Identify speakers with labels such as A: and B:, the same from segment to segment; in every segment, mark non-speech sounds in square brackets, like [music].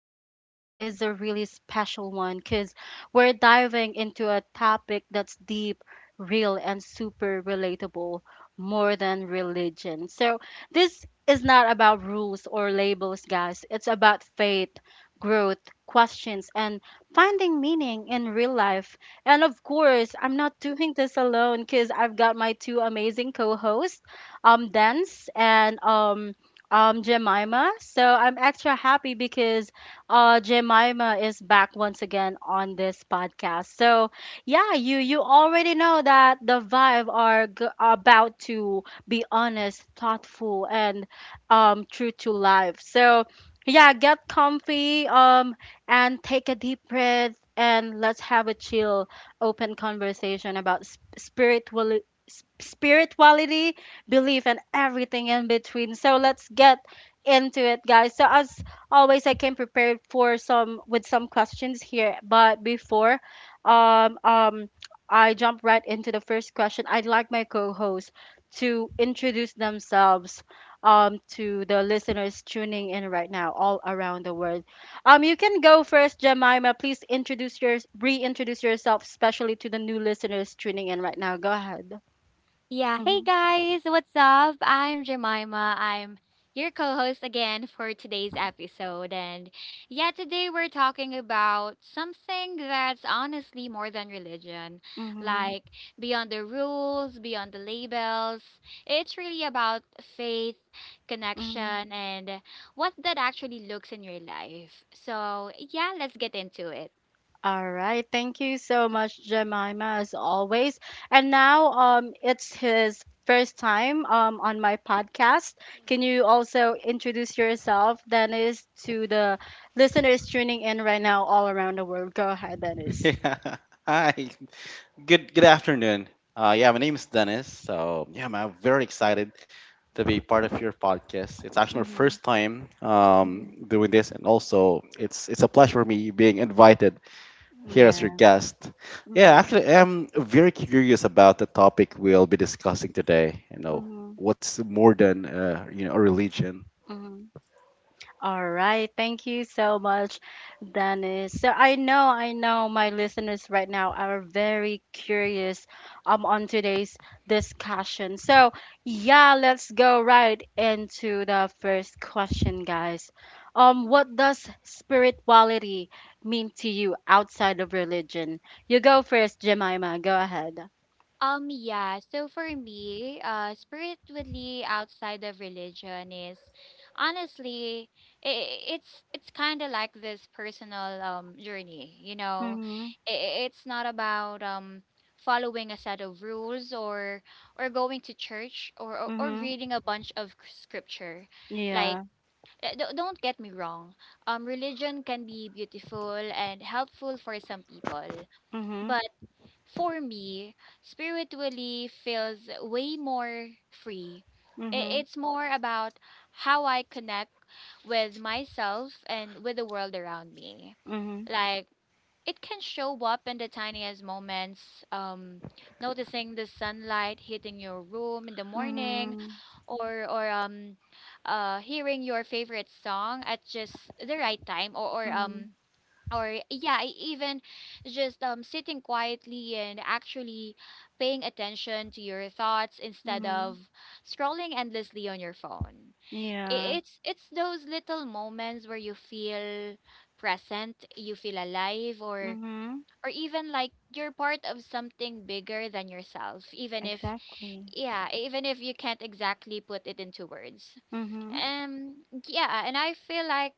A: episode is a really special one because we're diving into a topic that's deep, real, and super relatable, more than religion. So this is not about rules or labels, guys. It's about faith, growth, questions, and finding meaning in real life. And of course, I'm not doing this alone because I've got my two amazing co-hosts, Dance and Jemima. So I'm extra happy because Jemima is back once again on this podcast. So yeah, you already know that the vibe are about to be honest, thoughtful, and true to life. So yeah, get comfy. And take a deep breath and let's have a chill, open conversation about spirituality, belief, and everything in between. So let's get into it, guys. So as always, I came prepared for some with some questions here, but before um, um, I jump right into the first question, I'd like my co-host to introduce themselves to the listeners tuning in right now all around the world. You can go first, Jemima. Please introduce your reintroduce yourself, especially to the new listeners tuning in right now. Go ahead.
B: Yeah, hey
A: Mhm.
B: guys, what's up? I'm Jemima. I'm your co host again for today's episode. And yeah, today we're talking about something that's honestly more than religion,
A: Mhm.
B: like beyond the rules, beyond the labels. It's really about faith,
A: Mhm.
B: connection, and what that actually looks in your life. So yeah, let's get into it.
A: All right. Thank you so much, Jemima, as always. And now, it's his first time on my podcast. Can you also introduce yourself, Dennis, to the listeners tuning in right now all around the world? Go ahead, Dennis.
C: Yeah. [laughs] Hi. Good afternoon. Yeah, my name is Dennis. So yeah, man, I'm very excited to be part of your podcast. It's actually my first
A: Mhm.
C: time
A: Mhm.
C: doing this and also it's a pleasure for me being invited here as your
A: Yeah.
C: guest. Yeah,
A: Mm-hmm.
C: actually I'm very curious about the topic we'll be discussing today. You know, what's more than a religion.
A: Mm-hmm. All right. Thank you so much, Dennis. So I know my listeners right now are very curious on today's discussion. So yeah, let's go right into the first question, guys. What does spirituality mean to you outside of religion? You go first, Jemima. Go ahead.
B: Yeah. So for me, spiritually outside of religion is honestly, it's kind of like this personal journey. You know,
A: Mm-hmm.
B: I it's not about following a set of rules, or going to church, or or,
A: Mm-hmm.
B: reading a bunch of scripture. Like,
A: Yeah.
B: don't get me wrong. Religion can be beautiful and helpful for some people,
A: Mm-hmm.
B: but for me, spiritually feels way more free.
A: Mm-hmm.
B: It's more about how I connect with myself and with the world around me.
A: Mm-hmm.
B: Like, it can show up in the tiniest moments, noticing the sunlight hitting your room in the morning,
A: Mm-hmm.
B: or hearing your favorite song at just the right time, or
A: Mm-hmm.
B: yeah, I even just sitting quietly and actually paying attention to your thoughts instead
A: Mm-hmm.
B: of scrolling endlessly on your phone. I-
A: Yeah.
B: it's it's those little moments where you feel present, you feel alive,
A: Mhm.
B: or even like you're part of something bigger than yourself, even if
A: Exactly.
B: yeah even if you can't exactly put it into words.
A: Mhm.
B: um yeah and I feel like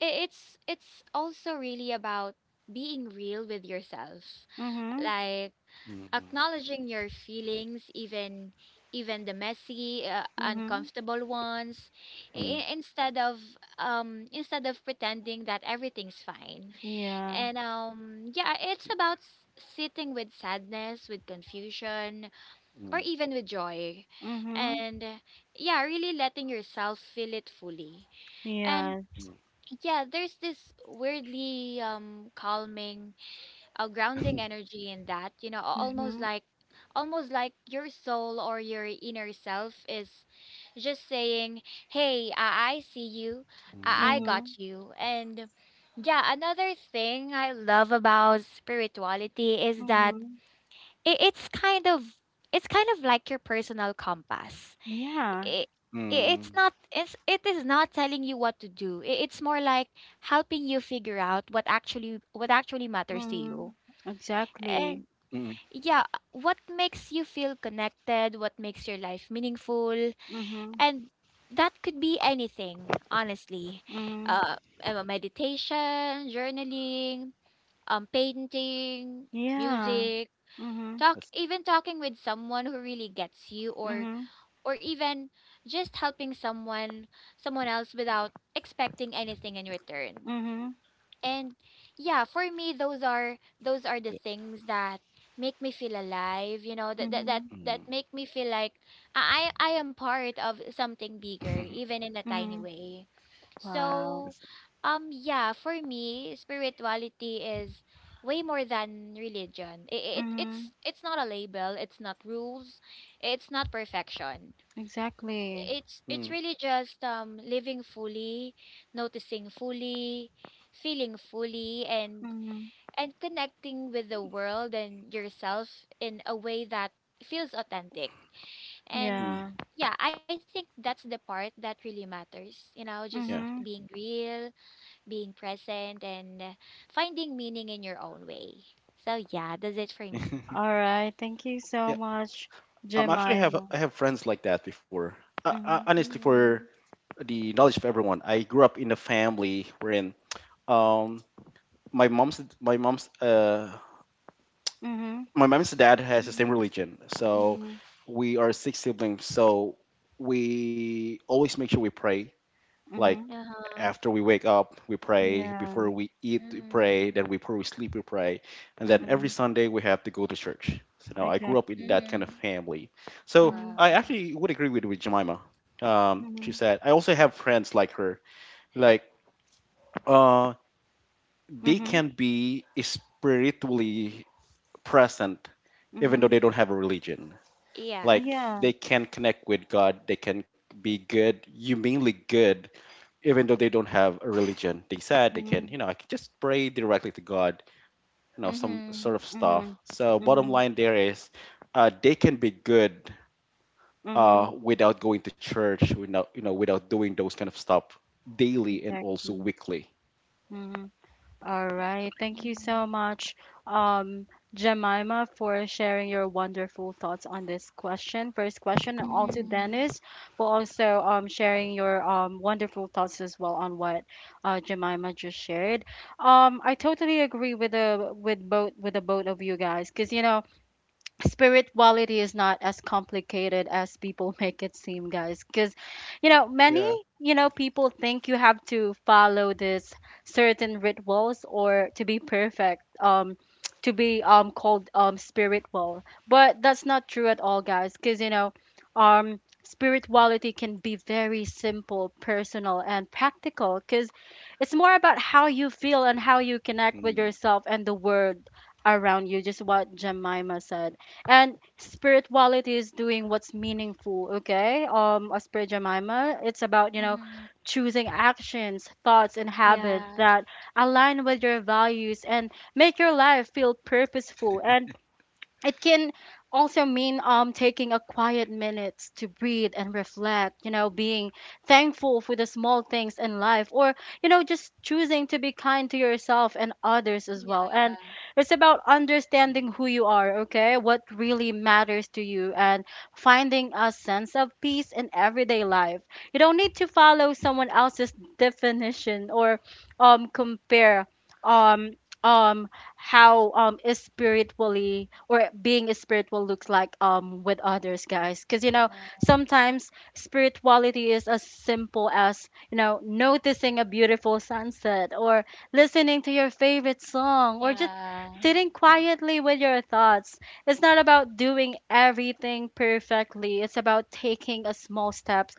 B: it's also really about being real with yourself,
A: Mhm.
B: like
C: Mm,
B: acknowledging your feelings, even the messy,
A: Mhm.
B: uncomfortable ones.
C: mm,
B: I- instead of Instead of pretending that everything's fine,
A: Yeah.
B: and yeah, it's about sitting with sadness, with confusion,
C: mm,
B: or even with joy.
A: Mhm.
B: And yeah, really letting yourself feel it fully. And
A: Yes.
C: mm,
B: yeah, there's this weirdly calming, grounding energy in that, you know, almost
A: Mhm.
B: like your soul or your inner self is just saying, "Hey, I see you. I
C: mm,
B: got
A: Mhm.
B: you." And yeah, another thing I love about spirituality is that
A: Mhm.
B: it, it's kind of it's kind of like your personal compass.
A: Yeah.
B: it,
C: mm,
B: it's, it is not telling you what to do. It's more like helping you figure out what actually matters to you,
A: Mhm.
B: and
A: Exactly.
C: mm.
B: yeah, what makes you feel connected, what makes your life meaningful,
A: Mhm.
B: and that could be anything honestly.
A: Mhm.
B: uh Meditation, journaling, painting,
A: Yeah.
B: music,
A: Mhm.
B: talk
C: That's not
B: even talking with someone who really gets you, or
A: Mhm.
B: even just helping someone else without expecting anything in return.
A: Mhm.
B: And yeah, for me, those are the
C: good.
B: things that make me feel alive, you know,
A: Mhm.
B: that
C: Mm.
B: make me feel like I am part of something bigger,
C: [laughs]
B: even in a tiny
A: Mhm.
B: way.
A: Wow.
B: So
C: Yes.
B: yeah, for me, spirituality is way more than religion. It's
A: Mhm.
B: not a label, it's not rules, it's not perfection.
A: Exactly.
B: It's
C: Mm,
B: really just living fully, noticing fully, feeling fully, and
A: Mhm.
B: connecting with the world and yourself in a way that feels authentic. And
A: Yeah.
C: mm,
B: yeah, I think that's the part that really matters, you know, just
C: yeah.
B: being
A: Mhm.
B: real, being present, and finding meaning in your own way. So yeah, that's it for me.
A: All
C: [laughs]
A: right. Thank you so
C: Yeah.
A: much,
C: Actually, I have
A: Jemima.
C: I have friends like that before. Uh, uh,
A: Mhm.
C: honestly, for
B: Mhm.
C: the knowledge of everyone, I grew up in a family wherein um my mom's my mom's uh
A: Mhm.
C: my mom's dad has the same
B: Mhm.
C: religion, so
A: Mhm.
C: we are six siblings. So we always make sure we pray, like
A: Mm-hmm.
B: Uh-huh.
C: after we wake up, we pray.
A: Yeah.
C: Before we eat, we pray.
B: Mm.
C: Then before we sleep, we pray. And then
A: Mm-hmm.
C: every Sunday, we have to go to church. So now I grew up in
A: Exactly.
C: that kind of
B: Mhm.
C: family. So
A: Mm-hmm.
C: I
B: Wow.
C: actually would agree with Jemima. She
A: Mm-hmm.
C: said, I also have friends like her. Like uh, they
A: Mm-hmm.
C: can be spiritually present even
A: Mm-hmm.
C: though they don't have a religion.
B: Yeah.
C: Like
A: Yeah.
C: they can connect with God, they can be good, humanly good even though they don't have a religion, they said they
A: Mm-hmm.
C: can, I can just pray directly to God, some sort
B: Mhm.
C: of stuff.
A: Mm-hmm.
C: So, bottom
A: Mm-hmm.
C: line there is, they can be good
A: Mm-hmm.
C: without going to church, without, you know, without doing those kind of stuff daily and also
A: Exactly.
C: weekly.
A: Mm-hmm. All right. Thank you
B: Mhm.
A: so much, um, Jemima, for sharing your wonderful thoughts on this question, first question, and also
B: Mhm.
A: Dennis for also sharing your wonderful thoughts as well on what Jemima just shared. I totally agree with the both of you guys, because you know spirituality is not as complicated as people [laughs] make it seem, guys, because you know many,
C: Yeah.
A: you know, people think you have to follow this certain rituals or to be perfect to be called spiritual, but that's not true at all, guys, because you know um spirituality can be very simple, personal, and practical because it's more about how you feel and how you connect with
C: Mm,
A: yourself and the world around you, just what Jemima said. And spirituality is doing what's meaningful, okay? Um, as per Jemima, it's about, you know,
B: Mhm.
A: choosing actions, thoughts, and habits
B: Yeah.
A: that align with your values and make your life feel purposeful. And it can also mean taking a quiet minute to breathe and reflect, you know, being thankful for the small things in life, or you know, just choosing to be kind to yourself and others as well.
B: Yeah.
A: And it's about
C: mm,
A: understanding who you are, okay, what really matters to you, and finding a sense of peace in everyday life. You don't need to follow someone else's definition or compare um um how is spiritually or being spiritual looks like with others, guys, because you know
B: Yeah.
A: sometimes spirituality is as simple as, you know, noticing a beautiful sunset, or listening to your favorite song, or just
B: Yeah.
A: sitting
C: mm,
A: quietly with your thoughts. It's not about doing everything perfectly. It's about taking a small step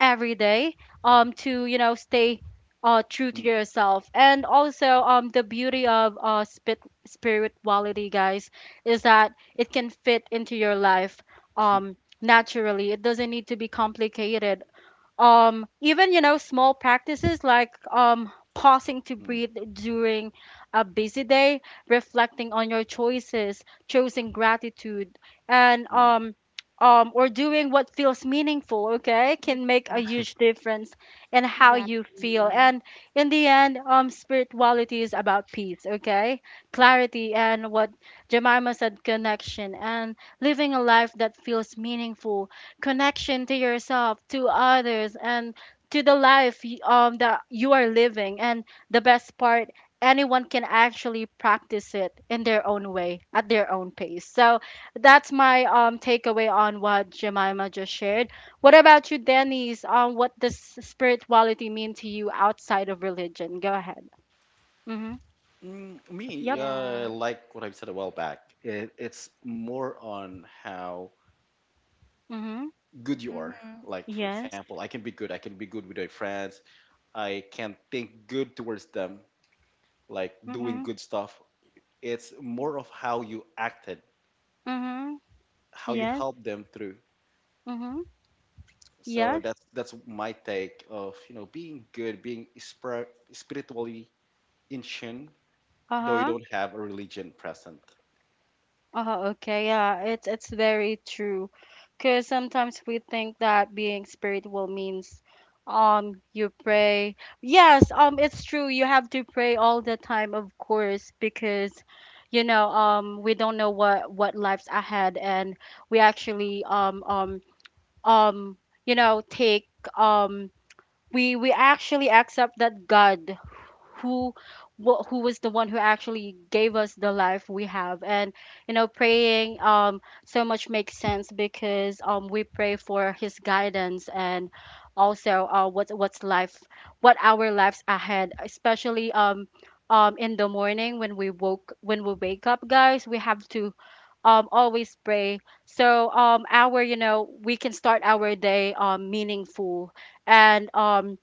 A: every day to, you know, stay true
C: mm,
A: to yourself. And also um, the beauty of spit spirituality, guys, is that it can fit into your life
C: yeah. [laughs]
A: um naturally. It doesn't need to be complicated. Um, even, you know, small practices like pausing to
C: Mm,
A: breathe during a busy day, reflecting on your choices, choosing gratitude, and
C: mm,
A: or doing what feels meaningful, okay,
B: Yeah.
A: can make a huge difference in how you feel.
B: Exactly.
A: And in the end, um, spirituality is about peace, okay,
C: yeah.
A: clarity, and what Jemima said, connection, and living a life that feels meaningful, connection to yourself, to others, and to the life that you are living. And the best part, anyone can actually practice it in their own way, at their own pace. So that's my takeaway on what Jemima just shared. What about you, Denise? What does spirituality mean to you outside of religion? Go ahead. Mm-hmm.
C: Mm, me,
A: Yep.
B: Yeah.
C: like what I said a while back, it's more on how
A: Mm-hmm.
C: good you are.
B: Mhm.
C: Like, for
A: Yes.
C: example, I can be good. I can be good with my friends. I can think good towards them, like doing
A: Mm-hmm.
C: good stuff. It's more of how you acted,
A: Mm-hmm.
C: how you
A: Yes.
C: helped them through.
A: Mm-hmm.
C: So that's
A: Yes.
C: that's my take of being good, being spiritually in tune, though you
A: Uh-huh.
C: don't have a religion present.
A: Oh, okay. Yeah, it's very true. Because sometimes we think that being spiritual means you pray. Yes, it's true. You have to pray all the time, of course, because you know, we don't know what life's ahead, and we actually um you know, take um we actually accept that God who who was the one who actually gave us the life we have. And you know, praying so much makes sense because we pray for his guidance and also what's life, what our lives ahead, especially in the morning when we woke when we wake up, guys, we have to always pray, so our, you know, we can start our day meaningful. And um,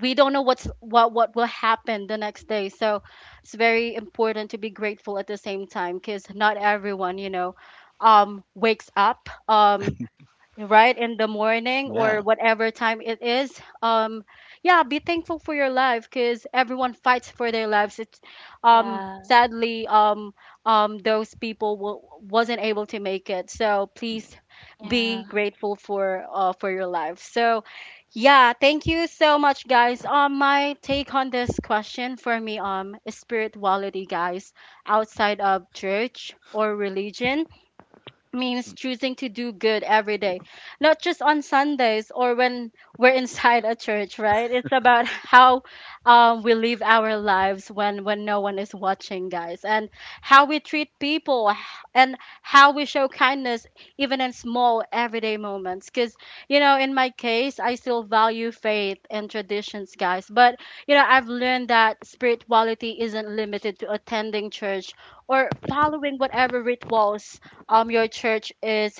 A: we don't know what's what will happen the next day, so it's very important to be grateful at the same time, because not everyone, you know, wakes up right in the morning
C: Yeah.
A: or whatever time it is. Um, yeah, be thankful for your life because everyone fights for their lives. It's
B: Yeah.
A: sadly those people wasn't able to make it, so
C: Mm,
A: please
B: Yeah.
A: be grateful for your life. So yeah, thank you so much, guys. Um, my take on this question, for me, um, is spirituality, guys, outside of church or religion
C: mm,
A: means choosing to do good every day, not just on Sundays or when we're [laughs] inside a church, right? It's about how um we live our lives when, no one is watching, guys, and how we treat people and how we show kindness even in small everyday moments. Because, you know, in my case, I still value faith and traditions, guys, but, you know, I've learned that spirituality isn't limited to attending church or following whatever rituals your church is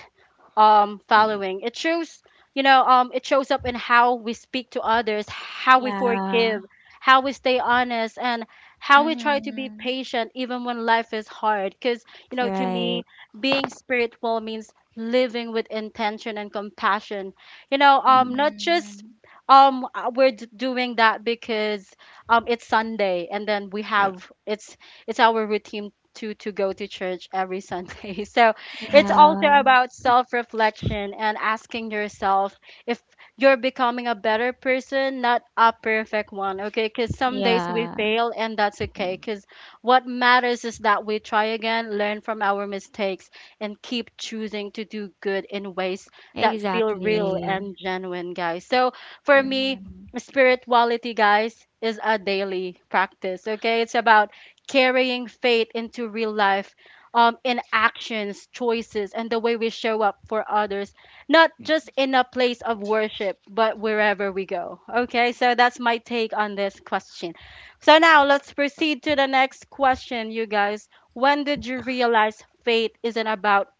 C: mm,
A: following. It shows, you know, it shows up in how we speak to others, how we
B: Yeah.
A: forgive, how we stay honest, and how we try to be
B: Mhm.
A: patient even when life is hard. Because you know, to
B: Right.
A: me, being spiritual means living with intention and compassion. You know,
C: mm.
A: not just
B: Mhm.
A: we're doing that because it's Sunday and then we
C: Yeah.
A: have it's our routine to go to church every Sunday. [laughs] So it's also
B: Yeah.
A: about self reflection and asking yourself if you're becoming a better person, not a perfect one, okay? Because some days we
B: Yeah.
A: fail and that's okay.
C: Mm,
A: Because what matters is that we try again, learn from our mistakes, and keep choosing to do good in ways that feel real
C: definitely.
B: Exactly.
A: and genuine, guys. So for
C: Mm,
A: me,
B: Mhm.
A: spirituality, guys, is a daily practice, okay? It's about carrying faith into real life in actions, choices, and the way we show up for others, not
C: mm,
A: just in a place of worship, but wherever we go. Okay, so that's my take on this question. So now let's
C: uh,
A: proceed to the next question, you guys. When did you realize faith isn't about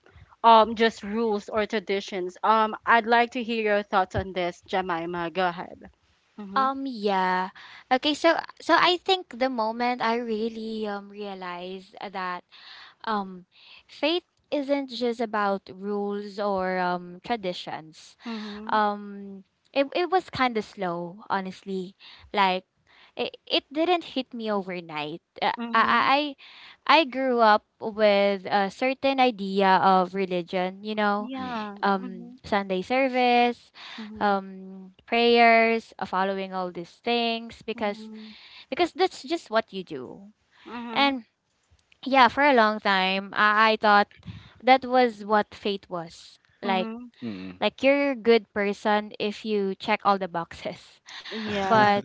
A: um just rules or traditions? I'd like to hear your thoughts on this, Jemima. Go ahead. Mm-hmm.
B: Yeah. Okay, so I think the moment I really realized that Um, faith isn't just about rules or traditions.
A: Mm-hmm.
B: Um, it was kind of slow, honestly. Like, it didn't hit me overnight.
A: Mm-hmm.
B: I grew up with a certain idea of religion, you know,
C: mm,
A: Yeah. Mm-hmm.
B: Sunday service,
A: Mm-hmm.
B: prayers, following all these things because
A: Mm-hmm.
B: that's just what you do.
A: Mm-hmm.
B: And yeah, for a long time I thought that was what fate was,
A: Mm-hmm.
C: mm.
B: like you're a good person if you check all the boxes. [laughs]
A: Yeah.
C: [laughs]
B: But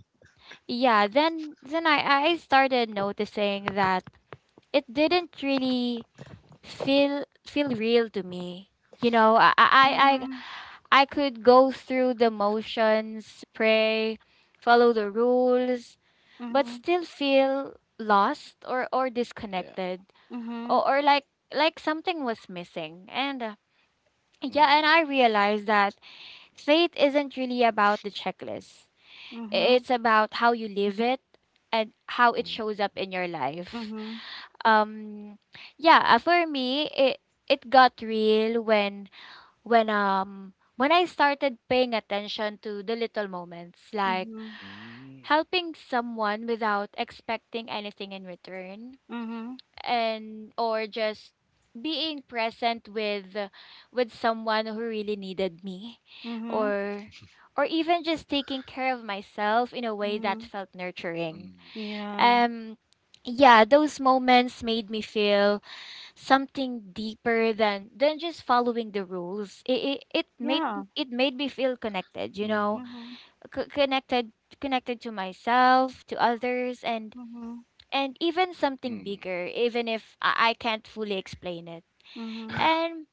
B: yeah, then I started noticing that it didn't really feel real to me, you know,
A: Mhm.
B: I could go through the motions, pray, follow the rules, but
A: Mhm.
B: still feel lost, or
C: Yeah.
B: disconnected,
A: Mhm.
B: or like something was missing. And yeah,
C: Mm,
B: and I realized that faith isn't really about the checklist,
A: Mhm.
B: it's about how you live it, and how it
C: mm,
B: shows up in your life.
A: Mhm.
B: um yeah for me, it got real when I started paying attention to the little moments, like
A: Mhm.
C: mm,
B: helping someone without expecting anything in return,
A: Mhm.
B: and or just being present with someone who really needed me,
A: Mhm.
B: or even just taking care of myself in a way that
A: Mhm.
B: felt nurturing.
C: mm,
A: Yeah.
B: um yeah, those moments made me feel something deeper than just following the rules.
A: Yeah.
B: It made me feel connected, you know.
C: mm,
A: Mhm.
B: C- connected Connected to myself, to others, and
A: Mhm.
B: even something
C: mm,
B: bigger, even if I can't fully explain it.
A: Mhm.
B: And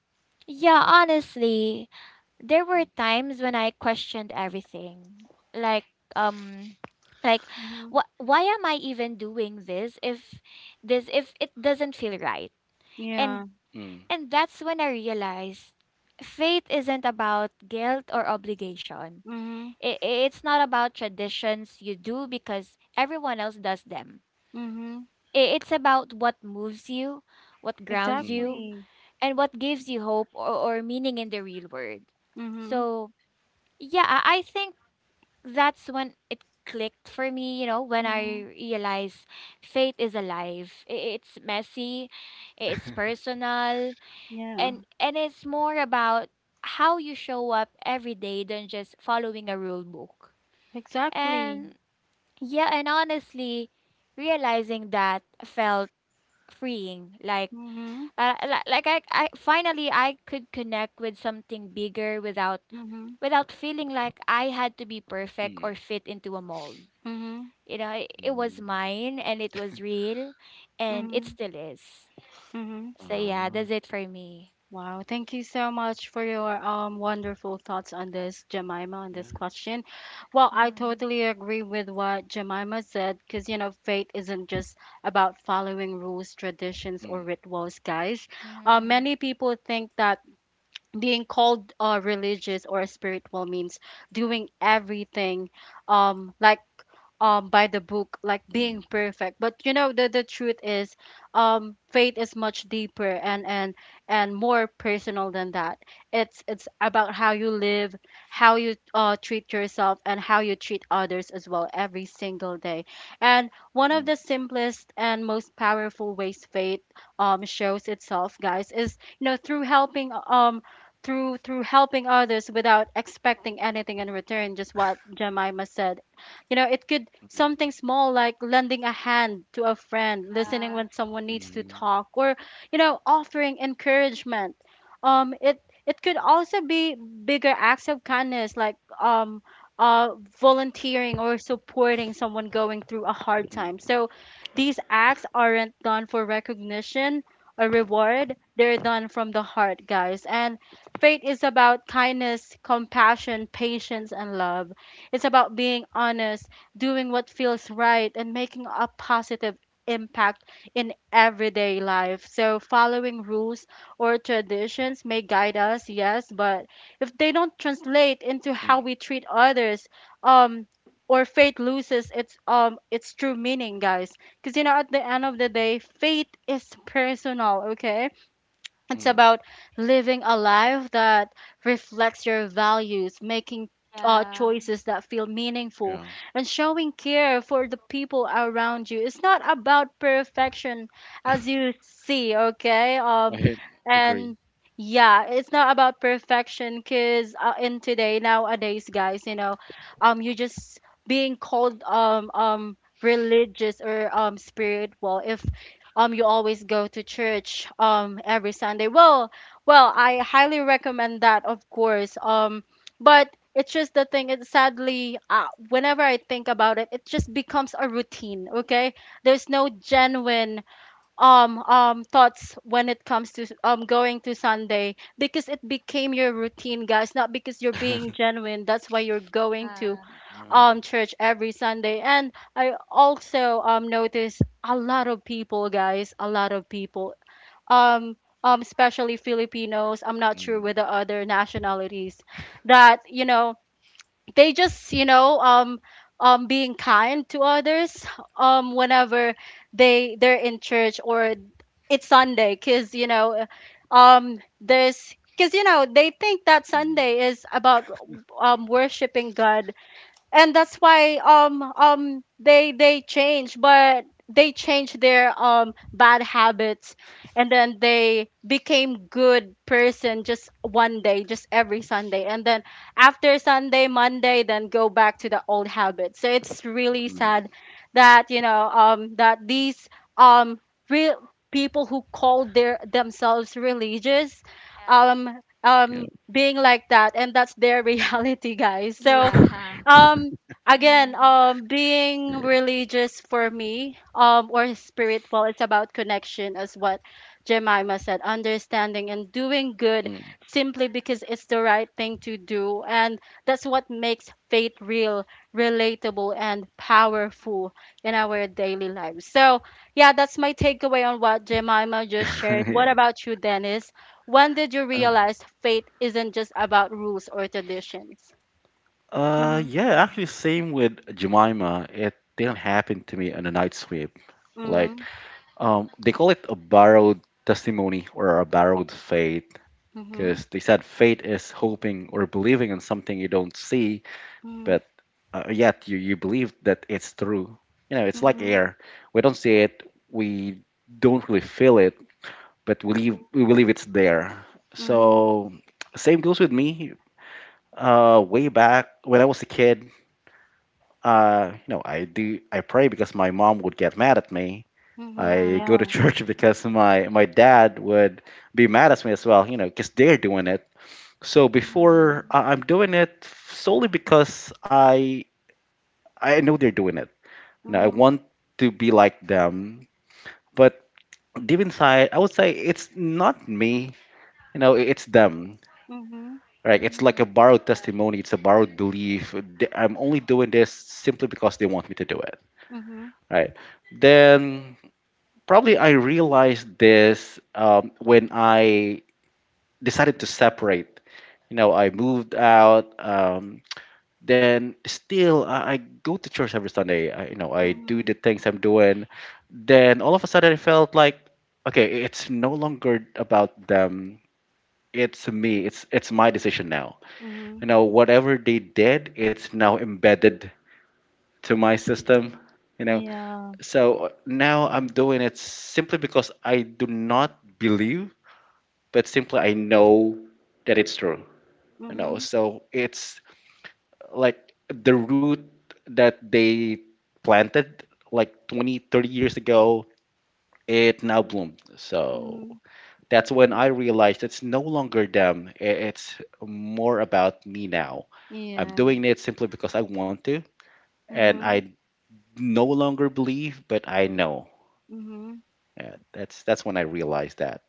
B: yeah, honestly, there were times when I questioned everything. Like, um, like
A: Mhm.
B: what, why am I even doing this if it doesn't feel right?
A: Yeah.
B: And
C: mm, mm,
B: that's when I realized faith isn't about guilt or obligation.
A: Mhm.
B: It's not about traditions you do because everyone else does them.
A: Mhm.
B: It's about what moves you, what grounds
C: mm.
B: you,
A: Exactly.
B: and what gives you hope, or meaning in the real world.
A: Mhm.
B: So yeah, I think that's when it clicked for me, you know, when I
A: Mhm.
B: realized faith is alive. It's messy, it's personal,
A: Yeah.
B: and it's more about how you show up every day than just following a rule book.
A: Exactly.
B: And yeah, and honestly, realizing that felt freeing, like
A: Mhm.
B: I finally, I could connect with something bigger without
A: Mhm.
B: feeling like I had to be perfect
C: Mm,
B: or fit into a mold.
A: Mhm.
B: You know, it was
C: mm,
B: mine, and it was real, and it
A: Mhm.
B: still is.
A: Mhm.
B: So yeah,
C: ah,
B: that's it for me.
A: Wow, thank you so much for your wonderful thoughts on this, Jemima, on
C: yeah.
A: this question. Well, I
B: Mm-hmm.
A: totally agree with what Jemima said because you know faith isn't just about following rules, traditions, or
C: Mm,
A: rituals, guys.
B: Mm-hmm.
A: Many people think that being called religious or spiritual means doing everything like by the book, like being
C: mm,
A: perfect, but you know the truth is faith is much deeper and more personal than that. It's about how you live, how you treat yourself, and how you treat others as well every single day. And one of
C: mm,
A: the simplest and most powerful ways faith shows itself, guys, is you know through helping, through helping others without expecting anything in return, just what Jemima said. You know, it could
C: mm,
A: something small like lending a hand to a friend, listening
B: Yeah,
A: when someone needs to
C: mm,
A: talk, or you know, offering encouragement. It could also be bigger acts of kindness like uh volunteering or supporting someone going through a hard time.
C: mm,
A: So these acts aren't done for recognition or reward. They're done from the heart, guys. And faith is about kindness, compassion, patience, and love. It's about being honest, doing what feels right, and making a positive impact in everyday life. So, following rules or traditions may guide us, yes, but if they don't translate into how
C: mm,
A: we treat others, um, or faith loses its true meaning, guys. Because you know, at the end of the day, faith is personal, okay? It's
C: mm.
A: about living a life that reflects your values, making
B: yeah,
A: choices that feel meaningful,
C: Yeah,
A: and showing care for the people around you. It's not about perfection, as you see, okay?
C: I had
A: And
C: agree.
A: yeah, it's not about perfection because in today, nowadays, guys, you know, you just being called religious or spiritual if you always go to church every Sunday. Well, I highly recommend that, of course. But it's just the thing. It sadly, whenever I think about it, it just becomes a routine. Okay, there's no genuine thoughts when it comes to going to Sunday because it became your routine, guys. Not because you're being
C: [laughs]
A: genuine. That's why you're going
B: yeah,
A: to
C: Uh,
A: church every Sunday. And I also notice a lot of people, guys, a lot of people, um especially Filipinos, I'm not sure
C: mm,
A: with the other nationalities, that you know they just you know being kind to others whenever they're in church or it's Sunday, cuz you know there's because you know they think that
C: mm,
A: Sunday is about worshiping God, and that's why they change, but they change their bad habits, and then they became good person just one day, just every Sunday, and then after Sunday, Monday, then go back to the old habits. So it's really
C: mm.
A: sad that you know that these um real people who call their themselves religious
B: yeah.
C: Yeah,
A: being like that, and that's their [laughs] reality, guys. So
B: Yeah.
A: um
B: Mm-hmm.
A: again, being
C: yeah,
A: religious for me, or spiritual, it's about connection, as what Jemima said, understanding and doing good
C: mm.
A: simply because it's the right thing to do, and that's what makes faith real, relatable, and powerful in our daily lives. So yeah, that's my takeaway on what Jemima just
C: [laughs]
A: shared. What
C: Yeah.
A: about you, Dennis? When did you realize faith isn't just about rules or traditions?
C: Yeah,
B: Mm-hmm.
C: actually, same with Jemima. It didn't happen to me on a night sweep. Like,
A: Mm-hmm.
C: they call it a borrowed testimony or a borrowed faith
A: Mhm,
C: because they said faith is hoping or believing in something you don't see
A: mhm,
C: but yet you believe that it's true. You know, it's like
A: mhm,
C: air. We don't see it, we don't really feel it, but we leave,
A: mhm,
C: we believe it's there.
A: mhm,
C: So same goes with me. Way back when I was a kid, I pray because my mom would get mad at me.
A: mhm,
C: I go to [laughs]
A: yeah,
B: Yeah.
C: church because my dad would be mad at me as well. You know, because they're doing it. So before
B: Mm-hmm.
C: I'm doing it solely because I know they're doing it. And I
A: mhm,
C: want to be like them, but deep inside, I would say it's not me. You know, it's them.
A: mhm,
C: Right? It's
B: Mm-hmm.
C: like a borrowed
B: Yeah.
C: testimony. It's a borrowed belief. I'm only doing this simply because they want me to do it.
A: mhm,
C: Right? Then probably I realized this when I decided to separate. You know, I moved out. Then still I go to church every Sunday. I do the
A: mhm,
C: things I'm doing. Then all of a sudden, I felt like, okay, it's no longer about them. It's me. It's my decision now. You
A: mhm,
C: know, whatever they did, it's now embedded to my system. You know,
A: yeah,
C: so now I'm doing it simply because I do not believe, but simply I know that it's true. You know,
A: mhm,
C: so it's like the root that they planted like 20, 30 years ago. It now bloomed. So
A: mhm,
C: that's when I realized it's no longer them. It's more about me now. I'm
A: yeah,
C: doing it simply because I want to. And I
A: mhm,
C: no longer believe, but I know.
A: mhm.
C: Yeah, that's when I realized that.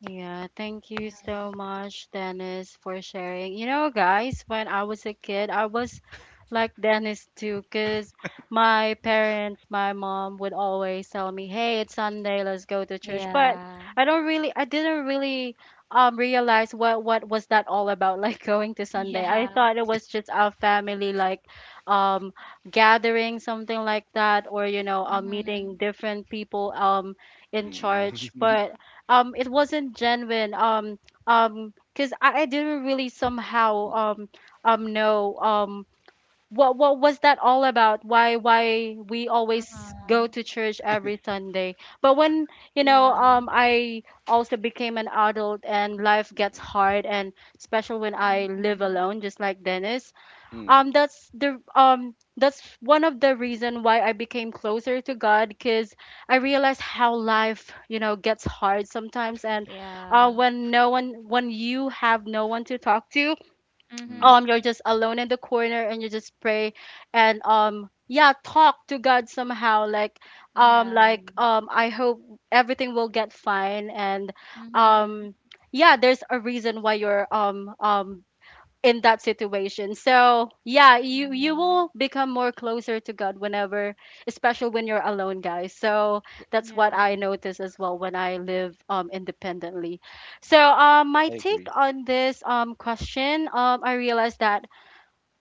A: Yeah, thank you
B: Yeah.
A: so much, Dennis, for sharing. You know, guys, when I was a kid, I was like Dennis too, because my
B: Mm-hmm.
A: parents, my mom would always tell me, "Hey, it's Sunday, let's go to church." But
B: Yeah.
A: I didn't really realize what was that all about, [laughs] like going to Sunday. I
B: Yeah.
A: thought it was just our family like um gathering, something like that, or you know,
B: Mm-hmm.
A: meeting different people in church,
C: Mm. [laughs]
A: but it wasn't genuine because I didn't really somehow know what was that all about, why we always
B: Uh-huh.
A: go to church every Sunday. But when you know
B: Yeah.
A: I also became an adult and life gets hard and special when I live
B: Mhm.
A: alone, just like Dennis,
C: Mm,
A: that's the that's one of the reason why I became closer to God, because I realized how life you know gets hard sometimes, and
B: Yeah.
A: when no one, when you have no one to talk to,
C: mm, mm.
B: Mhm.
A: you're just alone in the corner and you just pray, and yeah, talk to God somehow, like
B: Yeah.
A: I hope everything will get fine, and
B: Mhm.
A: um yeah, there's a reason why you're in that situation. So yeah, you
B: Yeah.
A: will become more closer to God whenever, especially when you're alone, guys. So
C: [laughs] Yeah,
A: that's what I
B: Yeah.
A: notice as well when I live independently. So my
C: I
A: take
C: agree.
A: on this question, I realized that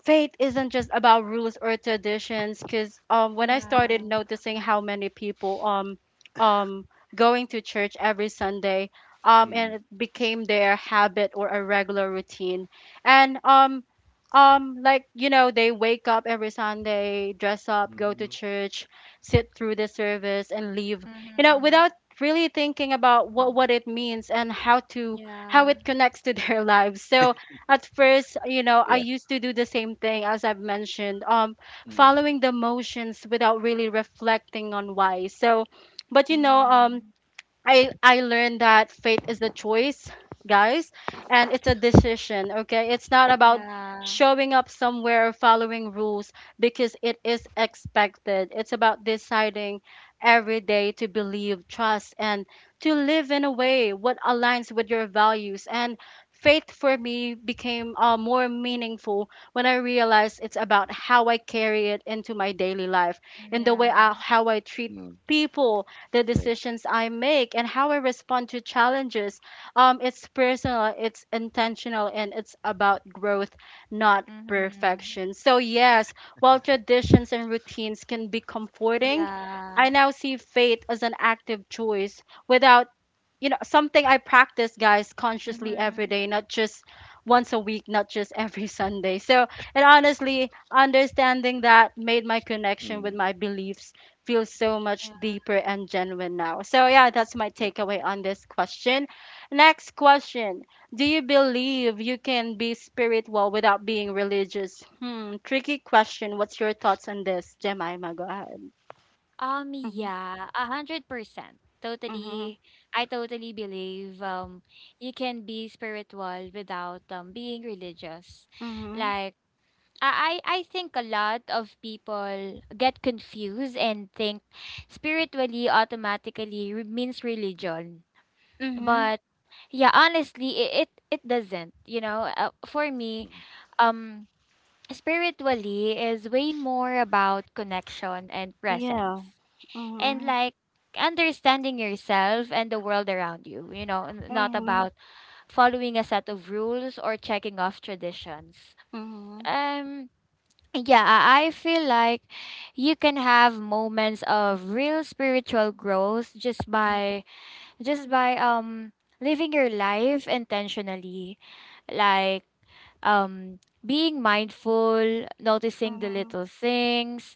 A: faith isn't just about rules or traditions because when I started
B: Yeah.
A: noticing how many people, um, going to church every Sunday, and
C: Mm,
A: it became their habit or a regular routine, and like you know they wake up every Sunday, dress up, go to
C: mm,
A: church, sit through the service, and leave, you know,
B: Mhm.
A: without really thinking about
C: mm.
A: what it means, and how to how
B: Yeah.
A: it connects to [laughs] their lives. So at first, you know, I
C: Yeah.
A: used to do the same thing, as I've mentioned,
C: Mm,
A: following the motions without really reflecting on why. So, but you know,
B: Mhm.
A: I learned that faith is a choice, guys, and it's a decision, okay? It's not about
B: Yeah.
A: showing up somewhere or following rules because it is expected. It's about deciding every day to believe, trust, and to live in a way what aligns with your values. And faith for me became more meaningful when I realized it's about how I carry it into my daily life, in the way
B: Yeah.
A: how I treat
C: mm,
A: people, the decisions I make, and how I respond to challenges. It's personal, it's intentional, and it's about growth, not
B: Mhm.
A: perfection. So, yes, while traditions and routines can be comforting,
B: Yeah.
A: I now see faith as an active choice, without you know something I practice, guys, consciously every
B: Mhm.
A: day, not just once a week, not just every [laughs] Sunday. So and honestly understanding that made my connection with
C: correct.
A: my beliefs feel so much
B: Yeah.
A: deeper and genuine now. So yeah, that's my
C: Yeah.
A: takeaway on this question. Next question, do you believe you can be spiritual without being religious? Hmm, tricky question. What's your thoughts on this, Jemima? Go ahead. Mm-hmm,
B: Yeah, 100%.
A: mm-hmm,
B: Totally, I totally believe you can be spiritual without being religious.
A: mm-hmm,
B: Like, I think a lot of people get confused and think spiritually automatically means religion.
A: mm-hmm.
B: But yeah, honestly, it doesn't. You know, for me,
C: Mm,
B: um spiritually is way more about connection and
A: Yeah.
B: presence. And
A: Mm-hmm.
B: like understanding yourself and the world around you, you know, not
A: Mhm,
B: about following a set of rules or checking off traditions.
A: mhm,
B: Um yeah, I feel like you can have moments of real spiritual growth just
A: mhm,
B: by living your life intentionally, like being mindful, noticing the
A: mhm,
B: little things,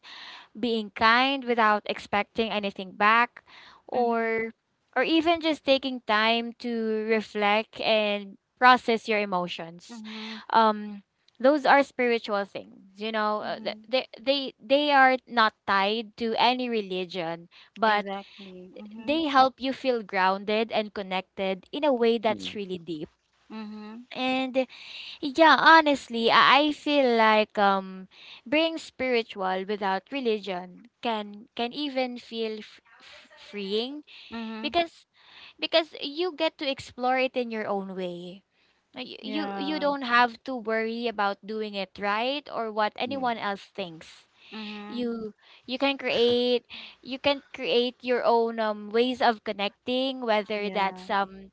B: being kind without expecting anything back,
A: mhm,
B: or even just taking time to reflect and process your emotions.
A: mhm,
B: um those are spiritual things, you know,
A: mhm.
B: they are not tied to any religion, but
A: Exactly. Mhm,
B: they help you feel grounded and connected in a way that's
C: mm,
B: really deep.
A: mhm,
B: And yeah, honestly, I feel like being spiritual without religion can even feel freeing,
A: mhm.
B: because you get to explore it in your own way. You you
A: Yeah.
B: don't have to worry about doing it right, or what
C: mm,
B: anyone else thinks.
A: Mhm.
B: you you can create your own ways of connecting, whether
A: Yeah.
B: that's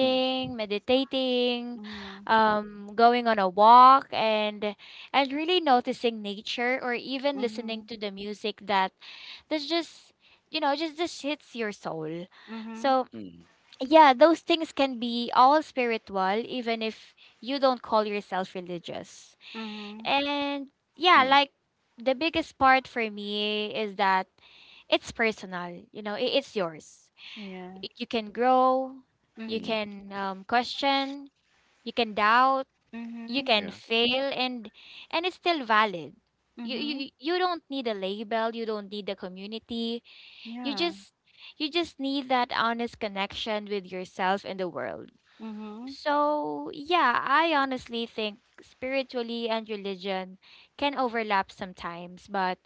C: mm,
B: meditating,
A: Mhm,
B: going on a walk and really noticing nature, or even listening
A: mhm,
B: to the music that that's just you know, just hits your soul.
A: mhm,
B: So
C: mm,
B: yeah, those things can be all spiritual, even if you don't call yourself religious.
A: mhm.
B: And yeah,
C: mm,
B: like, the biggest part for me is that it's personal, you know, it's yours.
A: Yeah.
B: You can grow, you
C: mm.
A: Mhm,
B: can question, you can doubt, you
A: mhm,
B: can
C: Yeah.
B: fail, and it's still valid. You,
A: mhm.
B: You don't need a label, you don't need a community. You
A: Yeah.
B: just you just need that honest connection with yourself and the world.
A: Mhm,
B: So yeah, I honestly think spiritually and religion can overlap sometimes, but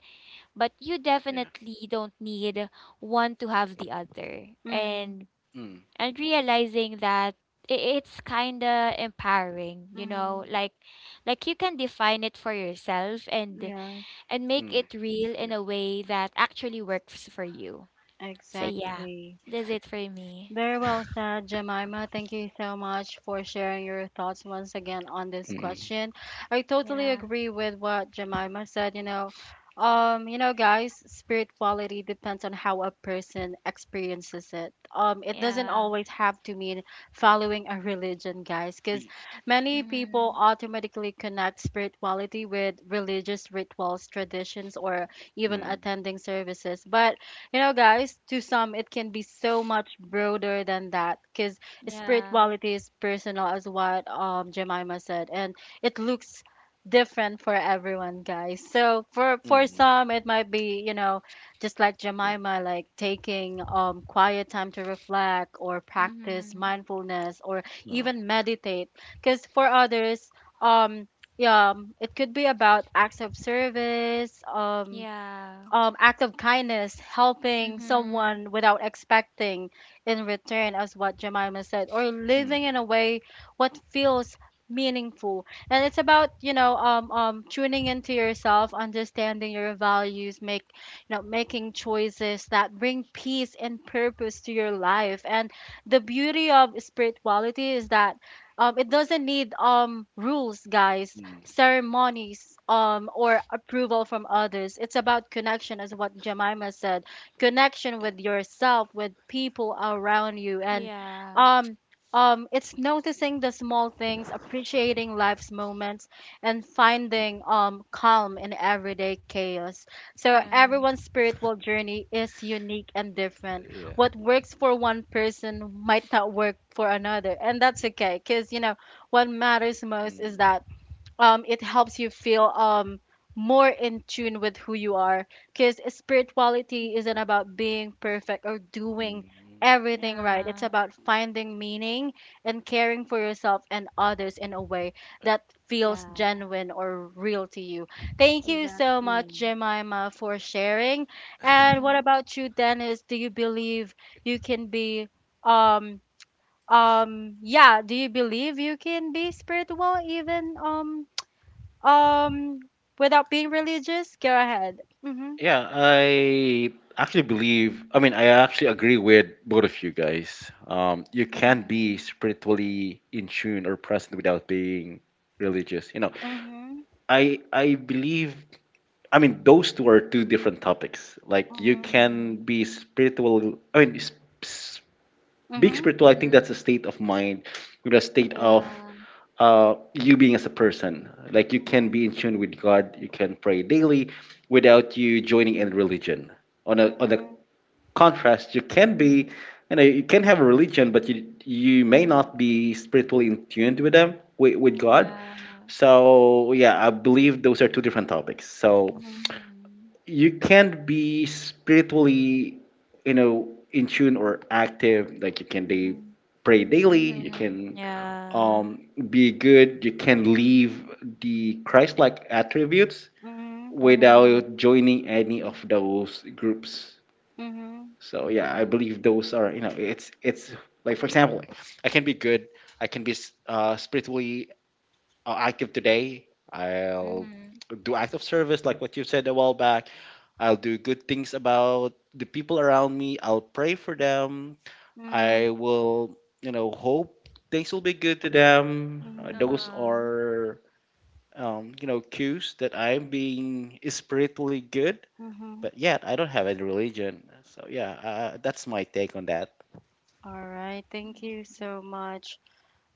B: you
C: Yeah.
B: definitely don't need one to have the other.
A: mhm,
B: And
C: Mm,
B: realizing that, it's kind of empowering, you know,
A: mhm.
B: like you can define it for yourself, and
A: Yes.
B: make
C: mm,
B: it real
C: yeah.
B: in a way that actually works for you. So, yeah.
A: Exactly.
B: That's it for me.
A: Very well said, Jemima. Thank you so much for sharing your thoughts once again on this
C: Mm,
A: question. I totally
B: Yeah.
A: agree with what Jemima said. You know, guys, spirituality depends on how a person experiences it. It doesn't
B: Yeah.
A: always have to mean following a religion, guys, because
C: ye- yeah.
A: many people
B: Mhm.
A: automatically connect spirituality with religious rituals, traditions, or even
C: Mm,
A: attending services. But you know, guys, to some, it can be so much broader than that because
B: Yeah.
A: spirituality is personal, as what Jemima said, and it looks different for everyone, guys. So for
C: mm,
A: some it might be you know just like
C: yeah.
A: Jemima, like taking quiet time to reflect or practice
B: Mm-hmm.
A: mindfulness or
C: No.
A: even meditate, because for others um yeah, it could be about acts of service,
B: Yeah.
A: act of kindness, helping
B: Mm-hmm.
A: someone without expecting in return, as what Jemima said, or
C: Mm,
A: living in a way what feels meaningful. And it's about you know tuning into yourself, understanding your values, make you know making choices that bring peace and purpose to your life. And the beauty of spirituality is that it doesn't need rules, guys,
C: mm,
A: ceremonies, or approval from others. It's about connection, as what Jemima said, connection
C: yeah.
A: with yourself, with people around you. And
B: Yeah.
A: um, it's noticing the small things, appreciating life's moments, and finding
C: Mm,
A: calm in everyday chaos. So
B: Yeah.
A: everyone's spiritual journey is unique and different.
C: yeah.
A: What works for one person might not work for another, and that's okay. Cause you know what matters most is
C: Mm,
A: that it helps you feel more in tune with who you are, because spirituality isn't about being perfect or doing
C: mm.
A: everything right. It's
B: Yeah.
A: about finding meaning and caring for yourself and others in a way that feels
B: Yeah.
A: genuine or real to you. Thank you so much,
B: Exactly.
A: Jemima, for sharing. And what
B: Mm-hmm.
A: about you, Dennis? Do you believe you can be um yeah, do you believe you can be spiritual even um, without being religious? Go ahead. Mm-hmm.
C: Yeah, I actually believe, I mean, I actually agree with both of you guys. You can't
B: Mm-hmm.
C: be spiritually in tune or present without being religious. You know,
A: Mm-hmm.
C: I believe. I mean, those two are two different topics. Like you
A: Mm-hmm.
C: can
B: Mm-hmm.
C: be spiritual. I mean, s- being spiritual, I think
B: Mm-hmm.
C: that's a state of mind, with a state of
B: Yeah.
C: you being as a person. Like you can
A: Mm-hmm.
C: be in tune with God. You can pray daily without you joining any religion. On a
A: Mm-hmm.
C: contrast, you can have a religion, but you may not be spiritually in tuned with them with
A: Mm-hmm.
C: God.
B: Yeah.
C: So yeah, I believe those are two different topics. So
A: Mm-hmm.
B: Mm-hmm.
C: you can't be spiritually in tune or active, like you can
A: Mm-hmm.
C: day
A: Mm-hmm.
C: pray daily, you
B: Mm-hmm.
C: can
B: Yeah.
C: be good, you can live the Christ-like attributes
B: Mm-hmm.
C: without joining any of those groups.
A: Mm-hmm.
C: So yeah, I
B: Yeah.
C: believe those are, it's like, for example, I can be good, I can be spiritually active today. I'll
B: Mm-hmm.
C: do acts of service, like what you said a while back. I'll do good things about the people around me. I'll pray for them.
A: Mm-hmm.
C: I will hope things will be good to them. Those
B: Uh-huh.
C: are, cues that I'm being spiritually good.
A: Mm-hmm.
C: But yet, I don't have any religion. So yeah, that's my take on that.
A: All right. Thank you
B: Mhm.
A: so much.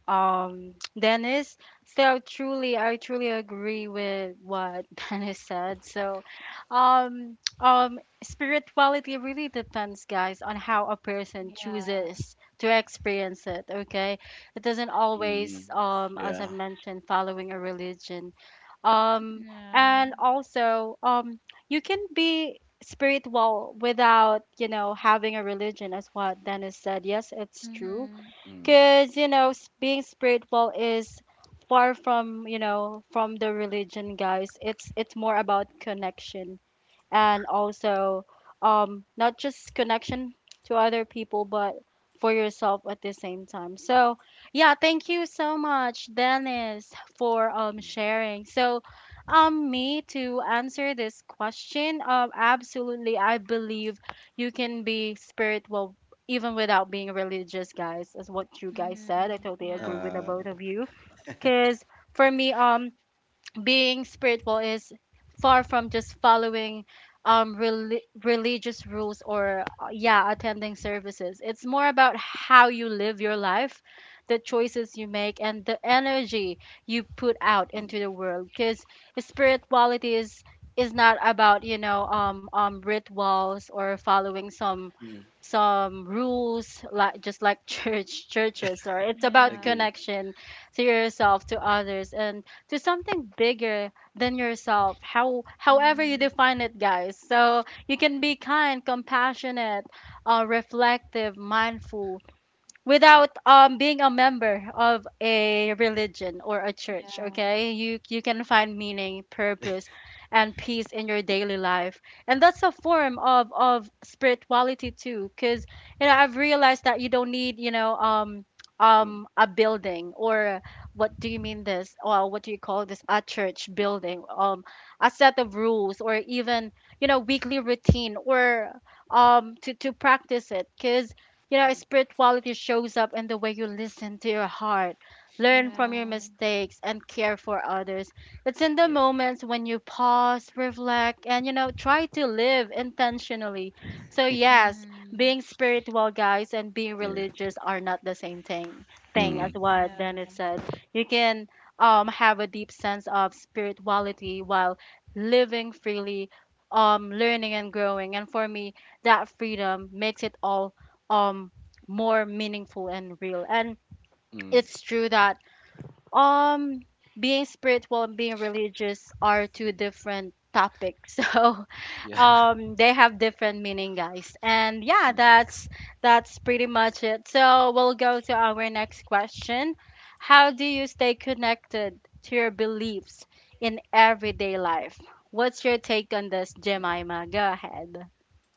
A: Dennis. So truly, I truly agree with what [laughs] Dennis said. So, spirituality really depends, guys, on how a person
B: Yeah.
A: chooses to experience it. Okay, it doesn't
C: Mm,
A: always, as
C: yeah.
A: I've mentioned, following a religion. Um,
B: Yeah.
A: and also, you can be spiritual without, you know, having a religion, as what Dennis said. Yes, it's true
B: Mm-hmm.
C: Mm,
A: because, you know, being spiritual is far from, you know, from the religion, guys. It's more about connection and also not just connection to other people but for yourself at the same time. So yeah, thank you so much, Dennis, for
C: mm,
A: sharing. So me to answer this question, absolutely, I believe you can be spiritual even without being religious, guys, is what you guys said. I
B: Mm-hmm.
A: totally agree
B: Yeah.
A: with the
C: uh,
A: both of you because for me, being spiritual is far from just following um rel- religious rules or yeah, attending services. It's more about how you live your life, the choices you make, and the energy you put out into
C: mm,
A: the world. Because spirituality is not about, you know, rituals or following some
C: mm,
A: some rules like, just like [laughs] churches. Or it's about
B: Yeah.
C: agree.
A: connection to yourself, to others, and to something bigger than yourself, however you
B: Mm-hmm.
A: define it, guys. So you can be kind, compassionate, reflective, mindful
C: Wow.
A: without being a member of a religion or a church.
B: Yeah.
A: Okay, you can find meaning, purpose, and peace in your daily life, and that's a form of spirituality too. Because, you know, I've realized that you don't need, you know, a building or, what do you mean this, or what do you call this, a church building, a set of rules, or even, you know, weekly routine, or to practice it. Because, you know,
C: Mm,
A: spirituality shows up in the way you listen to your heart, learn from
B: Yeah.
A: your mistakes, and care for others. It's in the
C: yeah.
A: moments when you pause, reflect, and, you know, try to live intentionally. So, yes,
B: Mm-hmm.
A: being spiritual, guys, and being
C: Yeah.
A: religious are not the same thing, as
C: Mm.
A: what
B: Yeah.
A: Dennis said. You can have a deep sense of spirituality while living freely, learning and growing. And for me, that freedom makes it all um more meaningful and real. And
C: Mm.
A: it's true that um being spiritual and being religious are two
C: Mm.
A: different topics [laughs] so
C: Yeah. [laughs]
A: they have different meaning, guys. And yeah,
C: Mm.
A: that's pretty much it. So we'll go to our next question. How do you stay connected to your beliefs in everyday life? What's your take on this,
C: Mm.
A: Jemima? Go ahead.